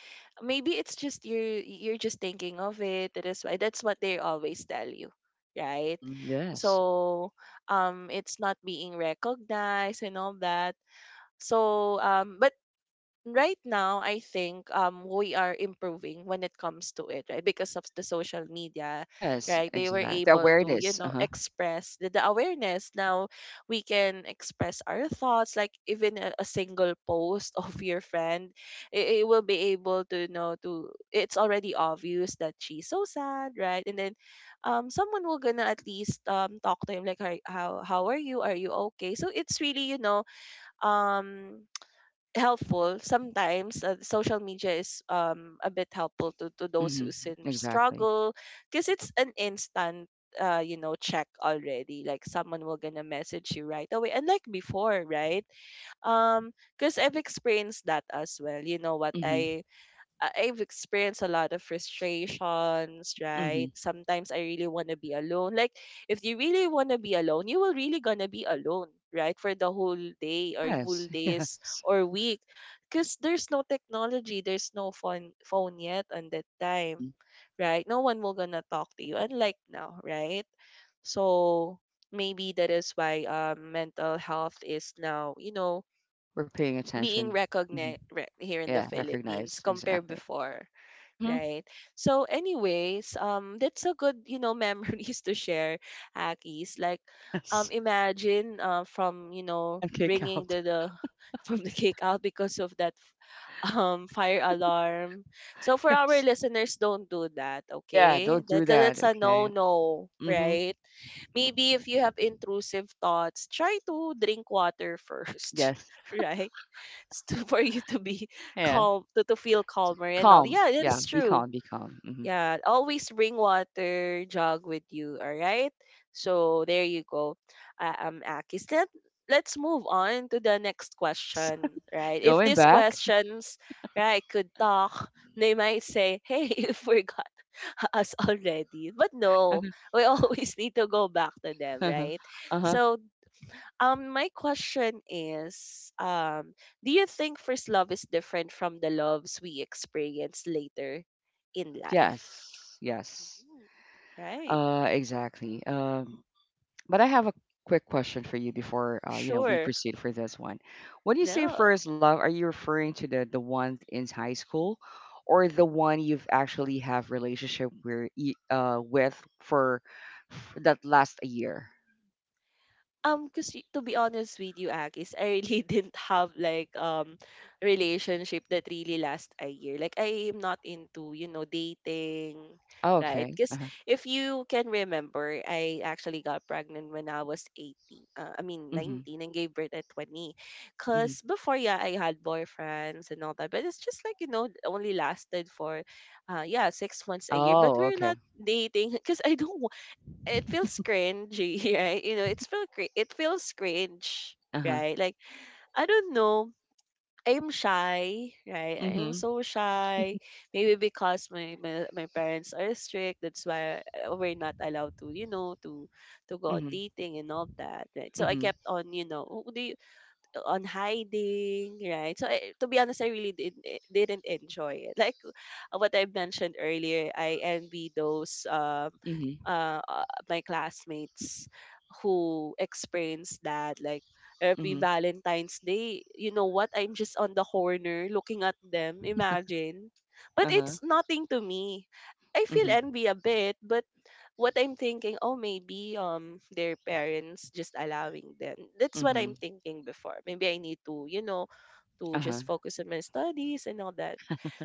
A: maybe it's just you're just thinking of it. That is why, that's what they always tell you. Right?
B: Hmm. Yes,
A: So it's not being recognized and all that. So, but right now I think we are improving when it comes to it, right? Because of the social media,
B: yes,
A: right? They were
B: exactly the
A: able to, you
B: awareness,
A: know,
B: uh-huh.
A: express the awareness. Now we can express our thoughts, like even a single post of your friend. It will be able to, you know, to it's already obvious that she's so sad, right? And then, someone will gonna at least talk to him like, "Hi- how are you? Are you okay?" So it's really, you know, um helpful sometimes. Social media is a bit helpful to, those
B: Hmm.
A: who's in
B: Exactly.
A: struggle, because it's an instant you know check already, like someone will gonna message you right away. And like before, right? um because I've experienced that as well. You know what,
B: Hmm.
A: I've experienced a lot of frustrations, right?
B: Hmm.
A: Sometimes I really want to be alone. Like, if you really want to be alone, you will really gonna be alone, right? For the whole day or whole
B: Yes,
A: days
B: yes.
A: or week, because there's no technology, there's no phone yet on that time,
B: Hmm.
A: right? No one will gonna talk to you, unlike now, right? So maybe that is why mental health is now, you know,
B: We're paying
A: being
B: attention. Hmm.
A: recognized here in the
B: Yeah,
A: Philippines
B: recognize,
A: compared
B: exactly.
A: before,
B: Hmm.
A: right? So, anyways, that's a good, you know, memories to share, Akis. Like,
B: Yes,
A: imagine, from, you know,
B: I'm kick
A: ringing
B: out.
A: the from the cake out because of that, fire alarm. So for our
B: Yes,
A: listeners, don't do that,
B: yeah,
A: okay?
B: don't
A: That
B: do that,
A: that's a no
B: okay?
A: no,
B: Hmm.
A: right? Maybe if you have intrusive thoughts, try to drink water first,
B: Yes.
A: right? For you to be
B: Yeah,
A: calm, to, feel calmer and all.
B: calm.
A: Yeah,
B: Yeah,
A: that's
B: be
A: true.
B: calm, be calm. Hmm.
A: Yeah, always bring water jug with you, all right? So there you go. Akis. Let's move on to the next
B: Yes,
A: question, right? If
B: going
A: these
B: back.
A: questions, right, could talk, they might say, "Hey, you forgot us already." But no, we always need to go back to them,
B: Uh-huh.
A: right?
B: Uh-huh.
A: So, my question is, do you think first love is different from the loves we experience later in life?
B: Yes, yes.
A: Mhm. Right.
B: Exactly. But I have a quick question for you before you know, we
A: Sure.
B: proceed for this one. When you say
A: No.
B: first love, are you referring to the one in high school or the one you've actually have relationship where with for that last a year?
A: Because to be honest with you, Agis, I really didn't have like relationship that really last a year. Like, I am not into, you know, dating,
B: Oh,
A: right?
B: okay.
A: Because
B: Uh-huh.
A: if you can remember, I actually got pregnant when I was 18. I mean
B: Mm-hmm.
A: 19, and gave birth at 20.
B: Mm-hmm.
A: Because before, yeah, I had boyfriends and all that, but it's just like, you know, only lasted for yeah, 6 months a year. But
B: Oh,
A: we're
B: okay.
A: not dating because I don't, it feels cringy, right? You know, it's feel it feels cringe,
B: Uh-huh.
A: right? Like, I don't know. I'm shy, right? I'm
B: Mm-hmm.
A: so shy. Maybe because my parents are strict, that's why we're not allowed to, you know, to go
B: Mhm,
A: dating and all that. Right? So I
B: mhm,
A: kept on, you know, "Oh, do you," on hiding, right? So to be honest, I really didn't enjoy it. Like, what I mentioned earlier, I envy those
B: mhm,
A: my classmates who experienced that, like
B: mhm,
A: every Valentine's Day, you know what? I'm just on the corner looking at them. Imagine. But
B: uh-huh,
A: it's nothing to me. I feel
B: mhm,
A: envy a bit, but what I'm thinking, oh, maybe their parents just allowing them. That's what I'm
B: mhm,
A: thinking before. Maybe I need to, you know, to
B: uh-huh,
A: just focus on my studies and all that.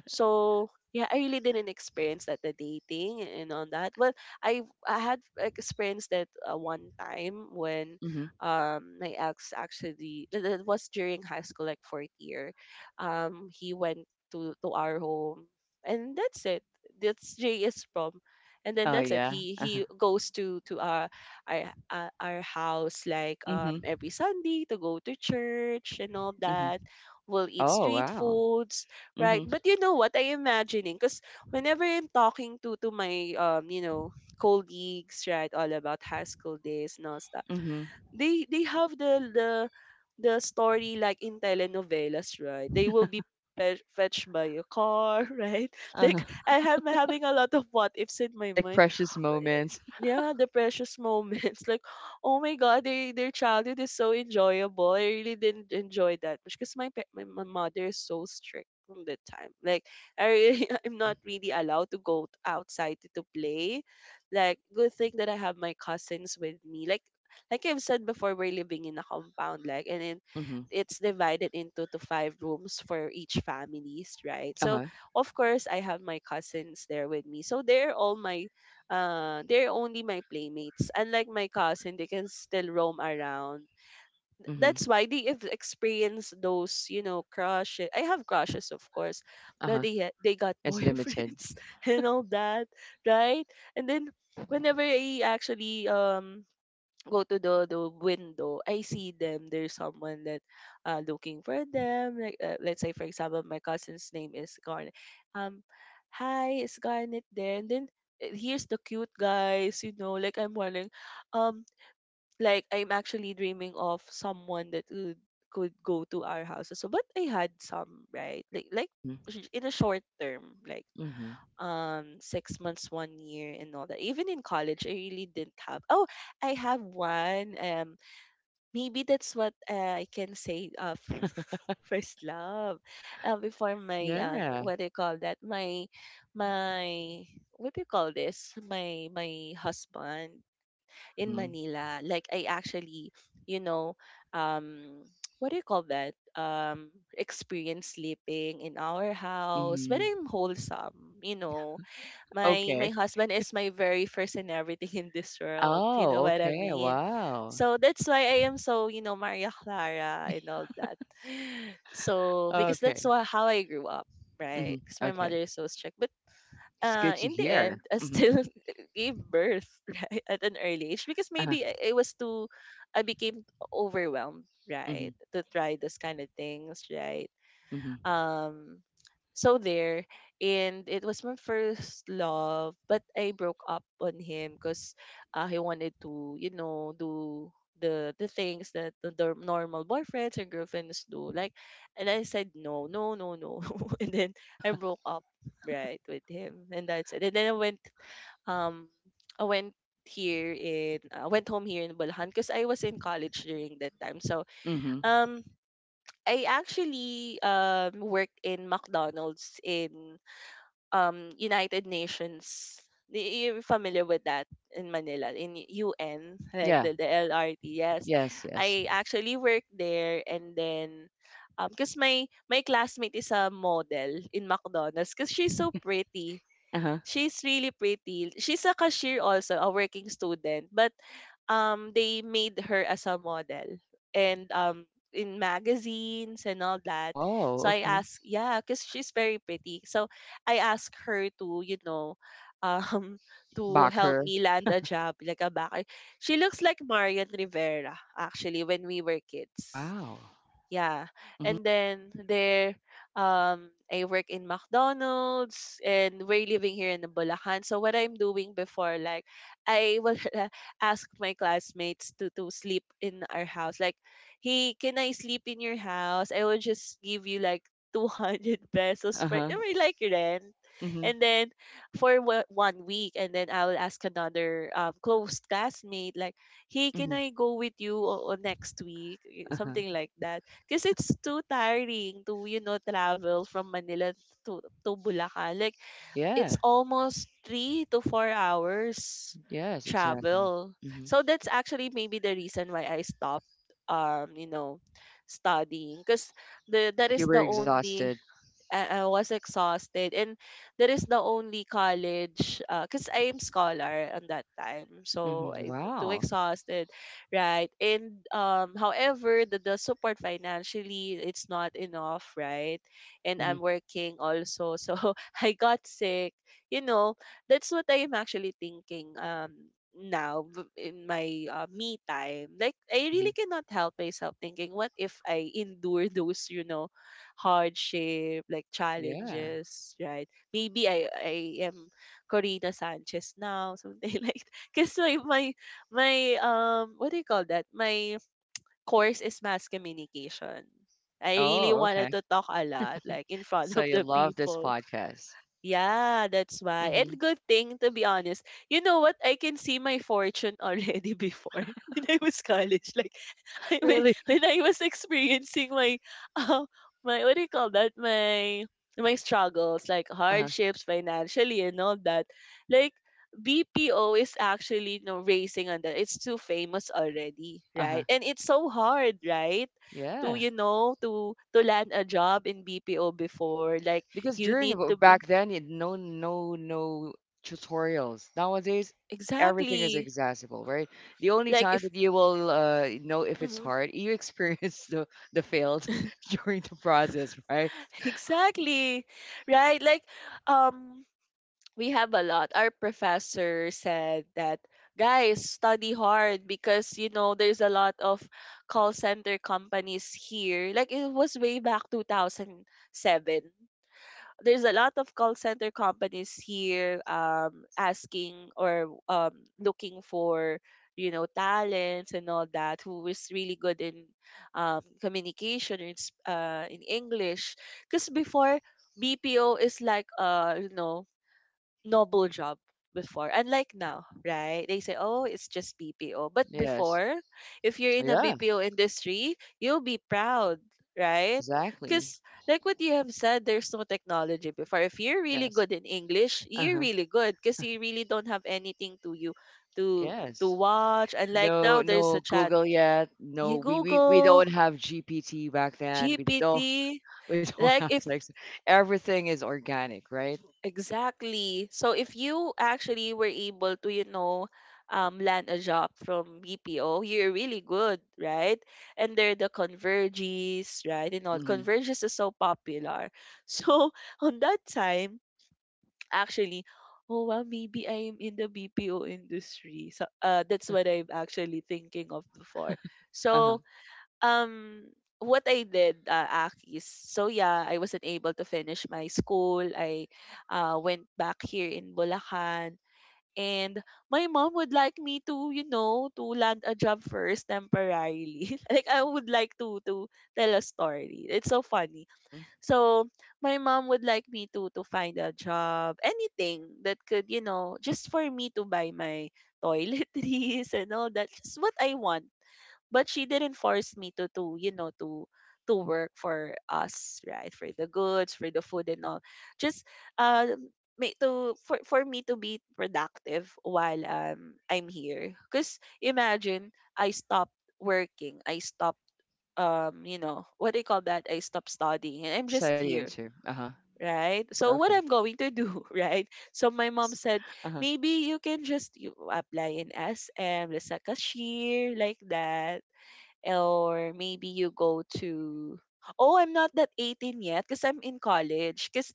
A: So yeah, I really didn't experience that, the dating and all that. Well, I had experienced that one time, when
B: mhm.
A: my ex, actually, it was during high school, like fourth year. He went to our home, and that's it. That's Jay prom, and then
B: Oh,
A: that's it.
B: yeah, uh-huh,
A: He goes to our, our house like
B: mhm,
A: every Sunday, to go to church and all
B: mhm.
A: that. We'll eat
B: Oh,
A: street
B: wow.
A: foods, right?
B: Mhm,
A: But you know what, I imagining, because whenever I'm talking to my, you know, colleagues, right, all about high school days and all stuff,
B: mhm,
A: they have the story, like in telenovelas, right? They will be fetched by a car, right?
B: uh-huh.
A: Like, I am having a lot of what ifs in my
B: Like
A: mind.
B: precious moments.
A: Yeah, the precious moments. Like, oh my God, they, their childhood is so enjoyable. I really didn't enjoy that much because my, pa- my mother is so strict from that time. Like, I really, I'm
B: Mhm,
A: not really allowed to go outside to, play. Like, good thing that I have my cousins with me. Like I've said before, we're living in a compound, like, and then
B: mhm,
A: it's divided into to five rooms for each families, right? So,
B: uh-huh,
A: of course, I have my cousins there with me. So they're all my, they're only my playmates. Unlike my cousin, they can still roam around.
B: mhm,
A: That's why they have experienced those, you know, crushes. I have crushes, of course, but
B: uh-huh.
A: they got
B: It's limited.
A: boyfriends and all that, right? And then whenever I actually go to the window, I see them. There's someone that looking for them. Like, let's say for example, my cousin's name is Garnet. Um, hi, is Garnet there? And then, here's the cute guys. You know, like, I'm wondering, um, like I'm actually dreaming of someone that could go to our house. So, but I had some, right, like,
B: Mhm,
A: sh- in a short term, like,
B: mhm.
A: 6 months, one year and all that. Even in college I really didn't have. Oh, I have one, maybe that's what I can say, first love, before my,
B: Yeah.
A: what do you call that, my, what do you call this, my husband in
B: Mhm,
A: Manila. Like, I actually, you know, um what do you call that, experience sleeping in our house, but
B: mhm.
A: I'm wholesome, you know. My
B: Okay.
A: husband is my very first and everything in this world. You know
B: Oh,
A: what I
B: okay.
A: mean?
B: Wow.
A: So that's why I am so, you know, Maria Clara and all that. So because that's
B: Okay.
A: how I grew up,
B: Mhm,
A: right? Because my
B: okay.
A: mother is so strict. But
B: It's good to
A: in the
B: hear.
A: end, I
B: Mhm,
A: still gave birth right at an early age because
B: uh-huh,
A: maybe it was too, I became overwhelmed, right,
B: mhm,
A: to try those kind of things, right?
B: mhm,
A: Um, so there, and it was my first love, but I broke up on him because, he wanted to, you know, do the things that the normal boyfriends and girlfriends do. Like, and I said no, no, no, no, and then I broke up right with him, and that's it. And then I went, um I went here in, I went home here in Bulacan, because I was in college during that time. So
B: mhm.
A: um I actually work in McDonald's in United Nations. You're familiar with that in Manila, in UN, like
B: Yeah.
A: the LRT. Yes,
B: Yes, yes.
A: I actually work there. And then, because my classmate is a model in McDonald's, because she's so pretty.
B: Uh-huh.
A: She's really pretty. She's a cashier also, a working student, but they made her as a model, and in magazines and all that.
B: Oh,
A: So I
B: okay.
A: asked, yeah, because she's very pretty, so I asked her to, you know, um to help
B: Bacher.
A: me land a job like a backer. She looks like Marian Rivera, actually, when we were kids.
B: Wow.
A: Yeah.
B: Mhm.
A: And then there, I work in McDonald's and we're living here in Bulacan. So what I'm doing before, like, I will ask my classmates to sleep in our house. Like, "Hey, can I sleep in your house? I will just give you like 200 pesos for, I
B: Uh-huh.
A: mean, like, rent."
B: Mhm.
A: And then for one week, and then I will ask another close classmate like, "Hey, can
B: Mhm.
A: I go with you next week?"
B: Uh-huh.
A: Something like that, because it's too tiring to, travel from Manila to Bulacan. Like,
B: Yeah.
A: it's almost 3 to 4 hours
B: Yes, exactly.
A: travel.
B: Mhm.
A: So that's actually maybe the reason why I stopped, um, you know, studying. Because that is
B: You were
A: the only—
B: exhausted.
A: I was exhausted, and that is the only college because I am scholar on that time,
B: Mhm.
A: so I'm too
B: Wow.
A: exhausted, right? And however, the support financially, it's not enough, right? And
B: Mhm.
A: I'm working also, so I got sick, you know that's what I am actually thinking. Now, in my me time, like, I
B: Mhm.
A: really cannot help myself thinking, what if I endure those, hardship, like
B: Yeah.
A: challenges, right? Maybe I am Corina Sanchez now, something like, because my what do you call that? My course is mass communication. I really
B: Oh,
A: wanted
B: okay.
A: to talk a lot, like in
B: So
A: front of
B: you
A: the
B: love this
A: people.
B: podcast.
A: Yeah, that's why.
B: Mhm.
A: And good thing, to be honest. You know what? I can see my fortune already before, when I was college. Like when,
B: Really?
A: when I was experiencing my um my— what do you call that, my struggles, like
B: Uh-huh.
A: hardships financially and all that, like BPO is actually, racing on that. It's too famous already,
B: Uh-huh.
A: right? And it's so hard, right, to,
B: Yeah.
A: to land a job in BPO before, like
B: Because
A: you
B: during
A: need to be—
B: back then, it, no, no, no tutorials. Nowadays, everything is
A: exactly,
B: accessible, right? The only
A: like
B: time
A: if—
B: that you will know if it's
A: Mhm.
B: hard, you experience the failed during the process, right?
A: Exactly, right, like um we have a lot. Our professor said that, "Guys, study hard because, there's a lot of call center companies here." Like it was way back 2007. There's a lot of call center companies here asking, or looking for, talents and all that, who is really good in communication, or in, in English, because
B: Mhm.
A: before, BPO is like noble job before, unlike now, right? They say, "Oh, it's just BPO." But
B: Yes.
A: before, if you're in a
B: Yeah.
A: BPO industry, you'll be proud, right?
B: Exactly.
A: Because like what you have said, there's no technology before. If you're really
B: Yes.
A: good in English,
B: Uh
A: you're
B: huh.
A: really good because you really don't have anything to you to to
B: Yes.
A: watch. And like now,
B: No,
A: there's a
B: no
A: chat—
B: Google yet. No,
A: you
B: we
A: Google
B: don't have GPT back then. We
A: GPT.
B: don't we don't
A: Like
B: have
A: if—
B: sex. Everything is organic, right?
A: Exactly. So if you actually were able to, land a job from BPO, you're really good, right? And there are the Converges, right? And all
B: Mm-hmm.
A: Converges is so popular. So on that time, actually, oh well, maybe I'm in the BPO industry. So that's what I'm actually thinking of before.
B: Uh
A: So
B: huh.
A: um what I did, Aki, is, so yeah, I wasn't able to finish my school. I went back here in Bulacan. And my mom would like me to, you know, to land a job first, temporarily. Like, I would like to tell a story. It's so funny. So my mom would like me to find a job, anything that could, just for me to buy my toiletries and all that, just what I want, but she didn't force me to you know to work for us, right, for the goods, for the food and all, just uh make to for me to be productive while I'm here. Because imagine, I stopped working, I stopped, you know what do you call that, I stopped studying, and I'm just
B: Studying
A: here,
B: too. Uh-huh.
A: right? So what I'm
B: Okay.
A: going to do? Right, so my mom
B: S-
A: said,
B: Uh-huh.
A: "Maybe you can just you apply in SM as a cashier," like that, or maybe you go to— oh, I'm not that 18 yet, because I'm in college, because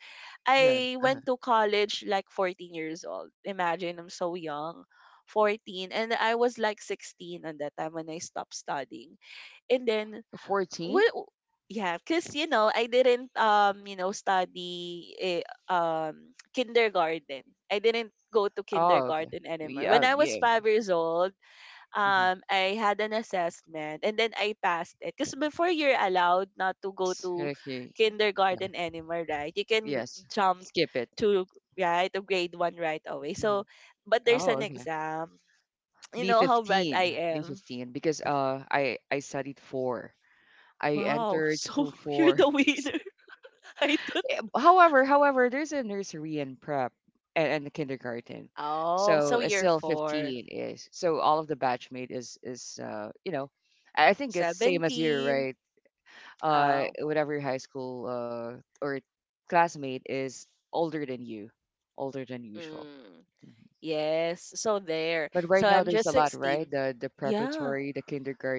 B: Yeah.
A: I went
B: Uh-huh.
A: to college like 14 years old. Imagine, I'm so young. 14, and I was like 16 at that time when I stopped studying. And then— What?
B: 14?
A: Yeah, because, I didn't, study, kindergarten. I didn't go to
B: Oh, okay.
A: kindergarten anymore when
B: Yeah,
A: I was
B: yeah.
A: 5 years old.
B: Hmm.
A: I had an assessment and then I passed it. Because before, you're allowed not to go
B: Yes.
A: to
B: Okay.
A: kindergarten anymore, right? You can
B: Yes.
A: jump
B: Skip it.
A: to— right to grade one right away. So,
B: Hmm.
A: but there's an
B: Oh, okay.
A: exam. You know how bright
B: B15.
A: I am.
B: B15 because I studied 4. I
A: Wow!
B: entered
A: So
B: school
A: you're the
B: 4.
A: winner. I thought.
B: Eh, However, there's a nursery and prep and the kindergarten.
A: Oh,
B: So
A: so
B: it's
A: you're
B: still
A: four.
B: 15 is. So all of the
A: Mm.
B: batchmate is I think it's same as you,
A: 17.
B: right?
A: Oh.
B: Whatever your high school or classmate is older than you, older than usual.
A: Mm.
B: Mhm.
A: Yes. So there.
B: But right
A: So
B: now
A: I'm
B: there's
A: just
B: a lot, right?
A: 16.
B: The
A: Yeah.
B: preparatory, the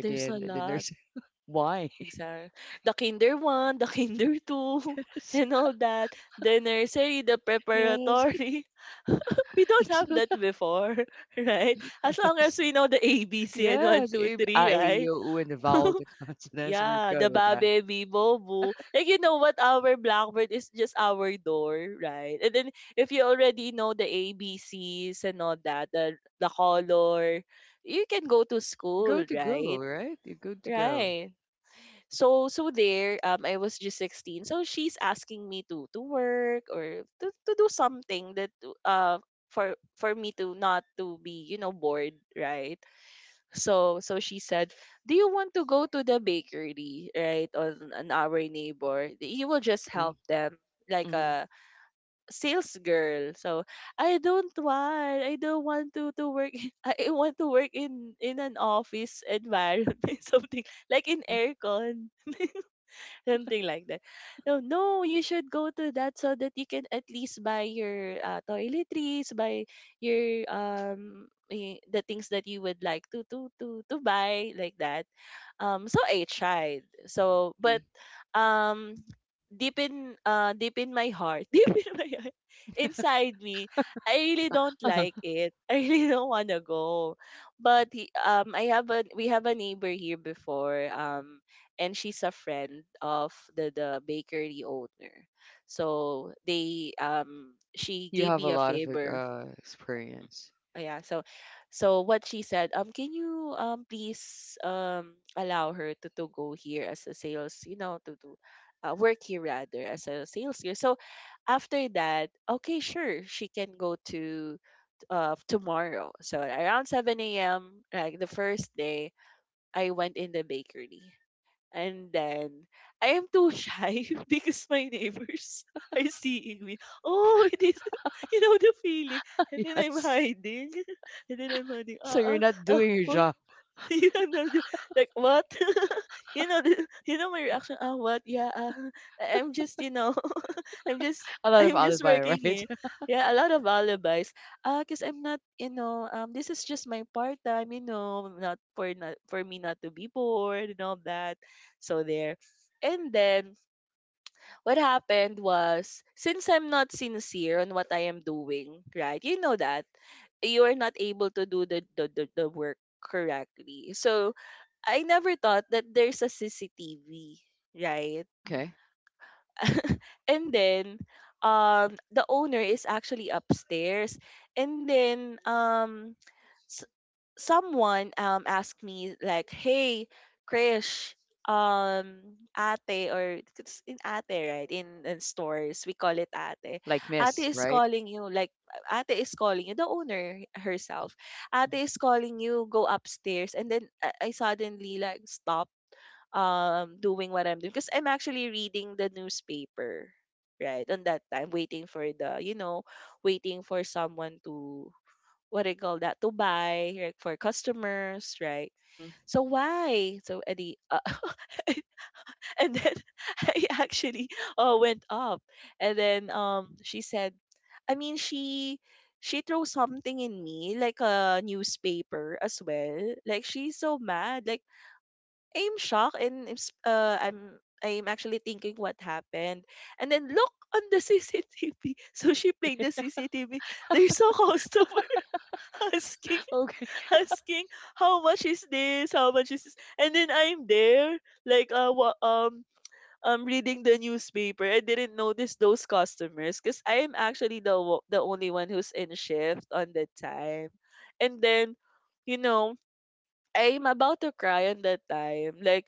A: There's a
B: the
A: lot.
B: nursery. Why?
A: Exactly. The kinder one, the kinder two, and all that. The nursery, the
B: Yes.
A: preparatory. We don't have that before, right? As long as
B: Yes.
A: we know the ABC and one,
B: Yes,
A: two,
B: if
A: three,
B: I, A, E, I, O,
A: right?
B: U, and the vowel, the consonants, we're
A: Yeah,
B: good
A: the
B: with that.
A: babe, bibo, boo. Like, you know what? Our blackboard is just our door, right? And then, if you already know the A B C's and all that, the color, you can go to
B: You're
A: school,
B: good to go,
A: right?
B: right? You're good to go.
A: Right, so there, I was just 16, so she's asking me to work, or to do something that uh for me to not to be, bored, right? So she said, "Do you want to go to the bakery, right on our neighbor? You will just
B: Mm-hmm,
A: help them like
B: mm-hmm,
A: a sales girl." So I don't want to work. I want to work in an office environment, something like in
B: mm-hmm,
A: aircon, something like that. "So, no, you should go to that, so that you can at least buy your toiletries, buy your the things that you would like to buy," like that. So I tried. So,
B: mm-hmm.
A: but um, deep in— deep in my heart, deep in my heart, inside me, I really don't like it. I really don't want to go. But I have a— we have a neighbor here before. And she's a friend of the bakery owner. So they she
B: You
A: gave
B: have a
A: me a
B: lot of like,
A: favor.
B: experience.
A: Oh, yeah. So, what she said, "Can you, please, allow her to go here as a sales, you know, to work here, rather, as a sales here?" So after that, "Okay, sure, she can go to tomorrow." So around 7 a.m., like the first day, I went in the bakery. And then I am too shy because my neighbors are seeing me. Oh, it is, you know the feeling. And then I'm
B: Yes.
A: hiding. And then I'm hiding.
B: So
A: Ah,
B: you're
A: ah,
B: not
A: ah,
B: doing your
A: what?
B: job.
A: You know, like what? You know, you know my reaction. Ah, what? Yeah, ah, I'm just. I'm just
B: A lot of
A: I'm just
B: alibi,
A: working
B: right?
A: here. Yeah, a lot of alibis. Ah, because I'm not, this is just my part time, not for— not for me not to be bored and all that. So there. And then what happened was, since I'm not sincere on what I am doing, right? You know that you are not able to do the work correctly. So I never thought that there's a CCTV, right?
B: Okay.
A: And then the owner is actually upstairs, and then s- someone asked me like, "Hey, Krish, um ate." Or, it's in "ate", right? In stores, we call it "ate".
B: Like
A: Ate
B: miss,
A: is
B: right?
A: calling you, like, ate is calling you, the owner
B: Mm-hmm,
A: herself. Ate is calling you, go upstairs. And then I suddenly like stop doing what I'm doing, because I'm actually reading the newspaper right on that time, waiting for the you know waiting for someone to— what do you call that, to buy, right, for customers, right.
B: mm-hmm.
A: So why, so— any and then I actually went up. And then she said— I mean, she threw something in me, like a newspaper as well. Like, she's so mad, like, I'm shocked, and I'm actually thinking what happened. And then look on the CCTV. So she played the CCTV. There's a customer asking
B: Okay.
A: asking "How much is this? How much is this?" And then I'm there like, I'm reading the newspaper. I didn't notice those customers because I am actually the only one who's in shift on the time. And then, you know I'm about to cry on that time. Like,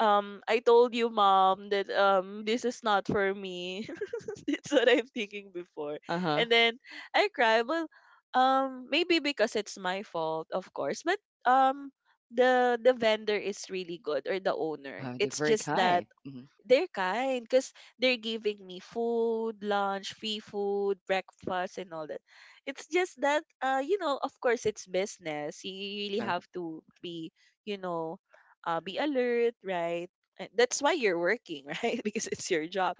A: I told you, Mom, that this is not for me. That's what I'm thinking before,
B: Uh-huh,
A: and then I cry. Well, maybe because it's my fault, of course, but um, the vendor is really good, or the owner.
B: uh-huh. They're
A: It's
B: very
A: just that
B: kind. Mm-hmm,
A: they're kind, because they're giving me food, lunch, free food, breakfast, and all that. It's just that, of course, it's business. You really
B: uh-huh,
A: have to be, you know, be alert, right? And that's why you're working, right? Because it's your job.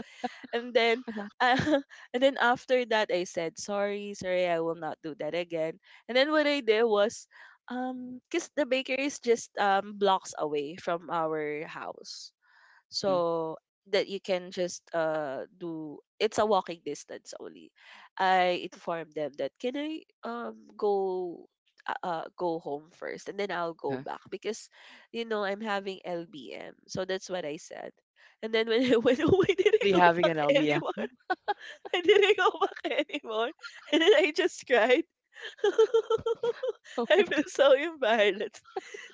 A: And then, uh, and then after that, I said, "Sorry, sorry, I will not do that again." And then what I did was, because the bakery is just blocks away from our house,
B: mm-hmm,
A: so that you can just do it's a walking distance only. I informed them that can I go go home first and then I'll go
B: uh-huh.
A: back because you know I'm having LBM, so that's what I said. And then when I went home, I didn't
B: Really
A: go
B: having
A: back
B: an LBM.
A: anymore. I didn't go back anymore. And then I just cried. I feel so embarrassed.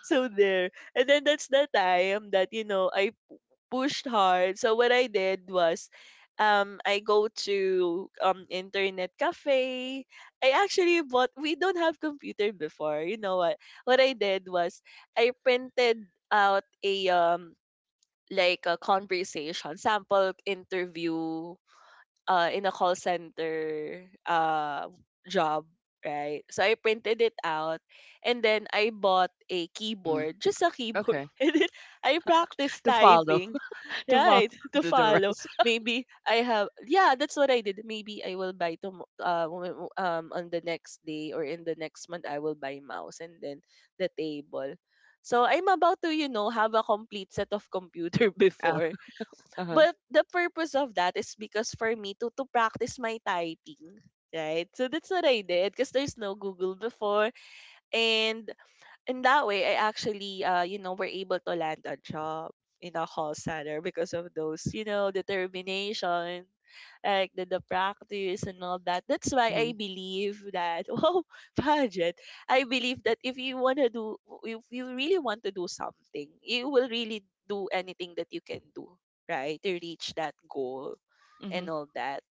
A: So there. And then that's the time that, you know, I pushed hard. So what I did was I go to internet cafe. I actually bought, we don't have computer before. You know what? What I did was I printed out a like a conversation sample interview in a call center job, right? So I printed it out and then I bought a
B: Mm-hmm.
A: keyboard, just a keyboard.
B: Okay.
A: And then I practiced
B: To follow,
A: typing,
B: to follow
A: right? To
B: the
A: follow.
B: rest.
A: Maybe I have, yeah, that's what I did. Maybe I will buy on the next day or in the next month, I will buy mouse and then the table. So I'm about to, you know, have a complete set of computer before.
B: Uh-huh.
A: But the purpose of that is because for me to practice my typing, right? So that's what I did because there's no Google before, and in that way, I actually, you know, were able to land a job in a call center because of those, you know, determination, like the practice and all that. That's why I
B: Mhm.
A: believe that, oh, budget. I believe that if you want to do, if you really want to do something, you will really do anything that you can do, right, to reach that goal
B: Mhm.
A: and all that,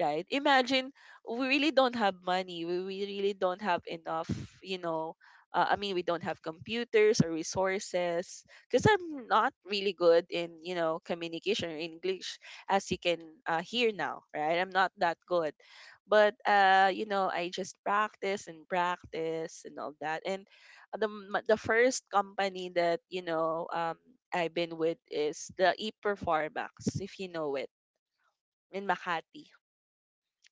A: right? Imagine we really don't have money. We really don't have enough, you know. I mean, we don't have computers or resources because I'm not really good in, you know, communication or English, as you can hear now, right? I'm not that good. But, you know, I just practice and practice and all that. And the first company that you know I've been with is the ePerformax, if you know it in Makati.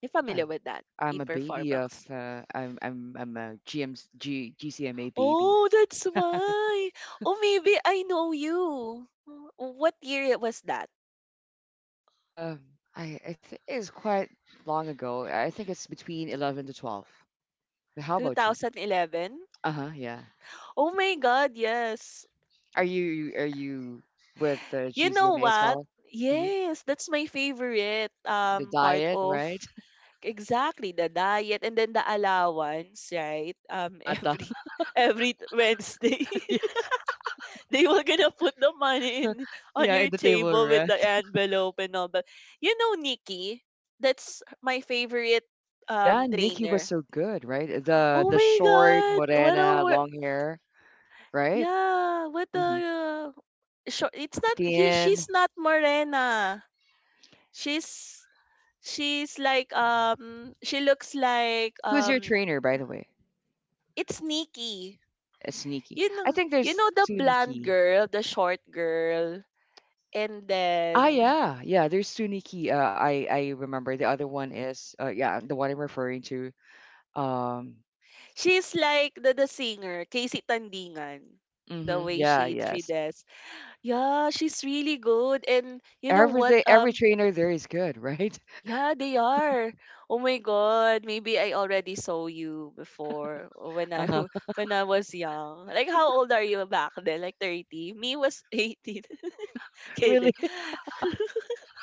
A: You
B: Yeah,
A: familiar with that?
B: I'm a baby of
A: E-Performance.
B: I'm a G M G GCMA baby.
A: Oh, that's why. Oh, maybe I know you. What year it was that?
B: Uh, I think it's quite long ago. I think it's between 11 to 12. How about you?
A: 2011?
B: Uh-huh, yeah.
A: Oh my God, yes.
B: Are you with
A: You know
B: GCMA as
A: what?
B: well? Hmm.
A: Yes, that's my favorite
B: The
A: part
B: diet,
A: of,
B: right?
A: exactly, the diet and then the allowance, right?
B: Mata.
A: Every Wednesday.
B: Yes.
A: They were gonna put the money in on
B: Yeah, in
A: your
B: the table,
A: table with
B: right?
A: the envelope and all. But you know, Nikki, that's my favorite
B: Yeah, Nikki was
A: trainer.
B: so good, right? The
A: Oh
B: the
A: my
B: short,
A: god, what a
B: morena,
A: wor-,
B: long hair, right?
A: yeah, what
B: Mm-hmm.
A: a short. It's not he.
B: Latin.
A: She's not Morena. She's she's like she looks like
B: Who's your trainer, by the way?
A: it's Nikki.
B: Sneaky.
A: You
B: I
A: know,
B: think
A: you
B: there's
A: know the blonde
B: Suniki.
A: girl, the short girl, and
B: Ah,
A: then
B: yeah, yeah. There's Suniki. I remember. The other one is yeah, the one I'm referring to. Um,
A: she's like the singer, Casey Tandingan. The
B: mhm,
A: way
B: yeah,
A: she three
B: yes.
A: deaths. Yeah, she's really good. And you know what?
B: Everything, every trainer there is good, right?
A: Yeah, they are. Oh my god, maybe I already saw you before when I
B: Uh-huh.
A: when I was young. Like how old are you back then? Like 30? Me was 18.
B: Really.
A: Kidding.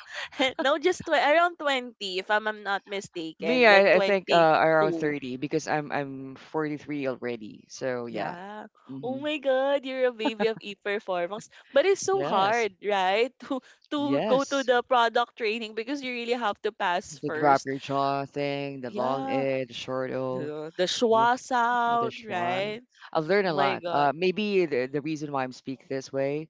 A: No, just around 20 if I'm not
B: Me,
A: mistaken. Like
B: I think around
A: 22.
B: 30 because I'm 43 already. So yeah.
A: Yeah. Oh
B: Hmm.
A: my God, you're a baby of e-performance. But it's so
B: Yes.
A: hard, right? To go to
B: Yes.
A: the product training because you really have to pass
B: The drop your
A: first.
B: jaw thing, the long
A: Yeah.
B: A, the short O.
A: The
B: Yeah.
A: schwa
B: Yeah, this
A: sound,
B: one.
A: right?
B: I've learned
A: Oh
B: a
A: my
B: lot.
A: God.
B: Maybe the reason why I'm speak this way,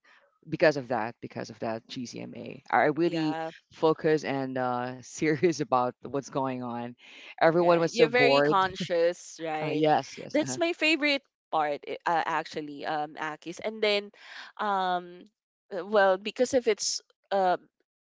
B: because of that GCMA. I really
A: Yeah,
B: focus and serious about what's going on. Everyone
A: right.
B: was so
A: You're very
B: bored.
A: conscious, right?
B: Yes, yes.
A: That's my favorite part, I- actually, Akis. And then, um, well, because of its uh,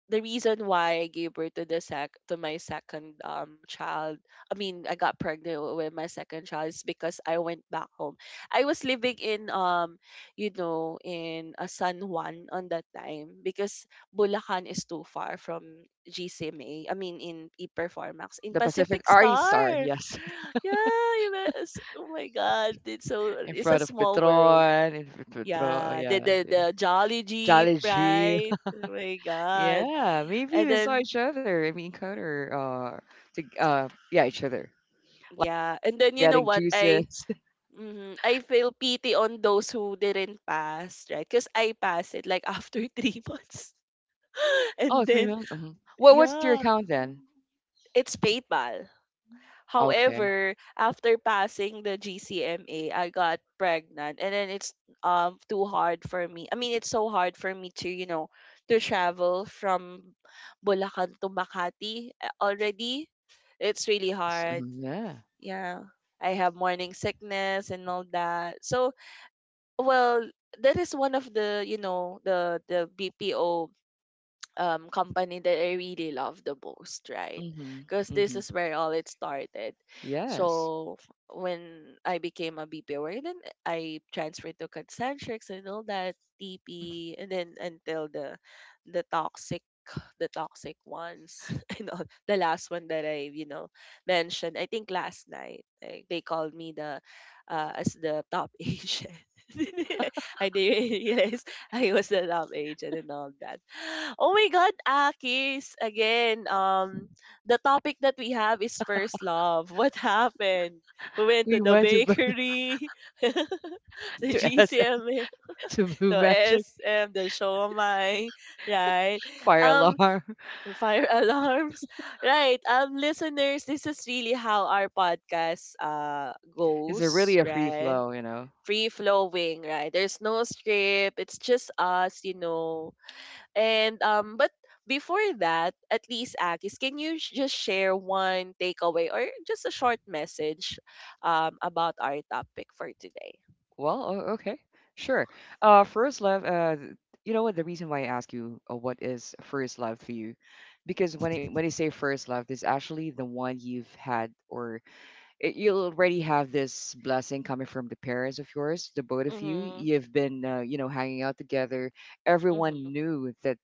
A: the reason why I gave birth to the sec to my second child, I mean I got pregnant with my second child is because I went back home. I was living in you know in a San Juan on that time because Bulacan is too far from GCMA. I mean in Performax in
B: The Pacific
A: Pacific
B: Ari Star,
A: Star.
B: yes.
A: Yeah, you know, it's, oh my God, it's so,
B: In
A: it's a
B: front of
A: small world.
B: Petron, in front of Petron, oh,
A: Yeah, the
B: yeah.
A: the
B: Yeah.
A: the Jolly Jeep,
B: Jollibee.
A: right? Oh my God.
B: Yeah, maybe
A: And
B: we saw
A: then,
B: each other. I mean, Connor, to, yeah, each other.
A: yeah, and
B: We're
A: then you know
B: getting
A: what? I,
B: juices.
A: mhm, I feel pity on those who didn't pass, right? Because I passed it like after three months. And
B: Oh,
A: then,
B: 300? Mhm. What was your
A: yeah,
B: account then?
A: it's PayPal.
B: Okay.
A: However, after passing the GCMA, I got pregnant, and then it's too hard for me. I mean, it's so hard for me to, you know, to travel from Bulacan to Makati already. It's really
B: Yes.
A: hard.
B: Mhm, yeah.
A: Yeah, I have morning sickness and all that. So, well, that is one of the, you know, the BPO company that I really love the most, right?
B: Mhm,
A: Because this
B: mhm.
A: is where all it started.
B: Yes.
A: So when I became a BPO, then I transferred to Concentrics and all that
B: Mhm.
A: TP, and then until the the toxic the toxic ones and all the last one that I, you know, mentioned. I think last night, like, they called me the as the top agent. I didn't realize I was the top agent and all that. Oh my God, Akis! Again, the topic that we have is first love. What happened? We went to
B: We
A: the
B: went to
A: bakery, the
B: to S
A: GCML,
B: to Blue
A: the
B: Magic
A: SM, the Shomai, right?
B: Fire
A: Um,
B: Alarm.
A: the fire alarms, right? Listeners, this is really how our podcast
B: Is it
A: goes,
B: really a free
A: right?
B: flow, you know?
A: Free flowing, right? There's no script. It's just us, you know, and but before that, at least Akis, can you just share one takeaway or just a short message about our topic for today?
B: Well, o okay. Sure. First love, th you know what? The reason why I ask you, what is first love for you? Because when I say first love, there's actually the one you've had or you'll already have this blessing coming from the parents of yours, the both of you.
A: Mm-hmm.
B: You've been, hanging out together. Everyone
A: Mm-hmm.
B: knew that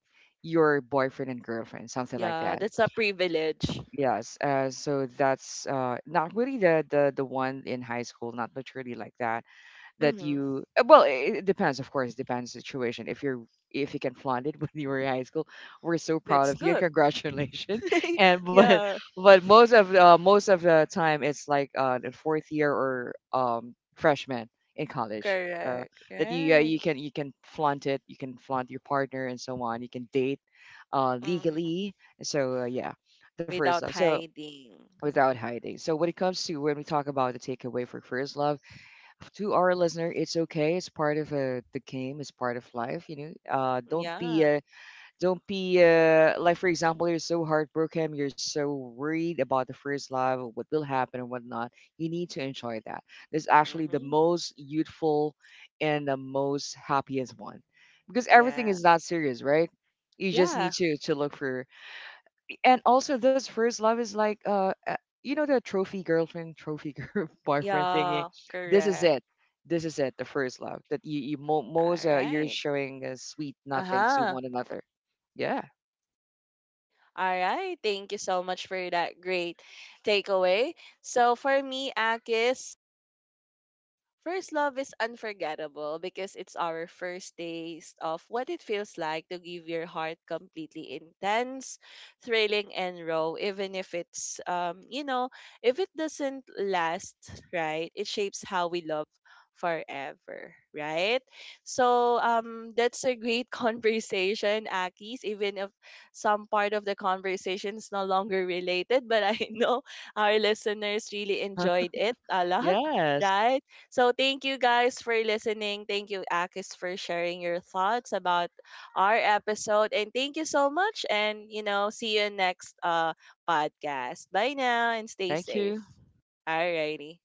B: your boyfriend and girlfriend, something like
A: Yeah,
B: that.
A: that's a privilege.
B: Yes. So that's not really the, the one in high school, not literally like that that
A: Mm-hmm.
B: you well it depends, of course, depends situation if you can flaunt it when you were in high school we're so proud
A: That's
B: of you and
A: good.
B: congratulations and but
A: Yeah,
B: but most of most of the time it's like in fourth year or freshman in college uh,
A: correct.
B: that you
A: Right.
B: you can flaunt it, you can flaunt your partner and so on, you can date
A: Mm.
B: legally, so yeah, the first love,
A: Without
B: so
A: hiding.
B: without hiding. So when it comes to when we talk about the takeaway for first love to our listener, it's okay. It's part of the game. It's part of life. Know, uh, don't be
A: Yeah.
B: uh, don't be like, for example, you're so heartbroken, you're so worried about the first love, what will happen and whatnot. You need to enjoy that. That's actually the
A: Mm-hmm.
B: most youthful and the most happiest one, because everything
A: Yeah.
B: is not serious, right? You just
A: Yeah.
B: need to look for, and also this first love is like the trophy girlfriend, trophy girl boyfriend thingy.
A: Yeah.
B: This is
A: Correct.
B: it. This is it. The first love, that you mo-
A: All
B: most you're
A: right.
B: showing sweet nothings to
A: Uh-huh.
B: one another. Yeah.
A: All right. Thank you so much for that great takeaway. So for me, Akis, first love is unforgettable because it's our first taste of what it feels like to give your heart completely, intense, thrilling, and raw. Even if it's, you know, if it doesn't last, right? It shapes how we love forever, right? So that's a great conversation, Akis, even if some part of the conversation is no longer related, but I know our listeners really enjoyed it a lot,
B: Yes,
A: right? So thank you guys for listening. Thank you, Akis, for sharing your thoughts about our episode. And thank you so much. And, you know, see you next podcast. Bye now and stay
B: thank
A: safe.
B: you.
A: Alrighty.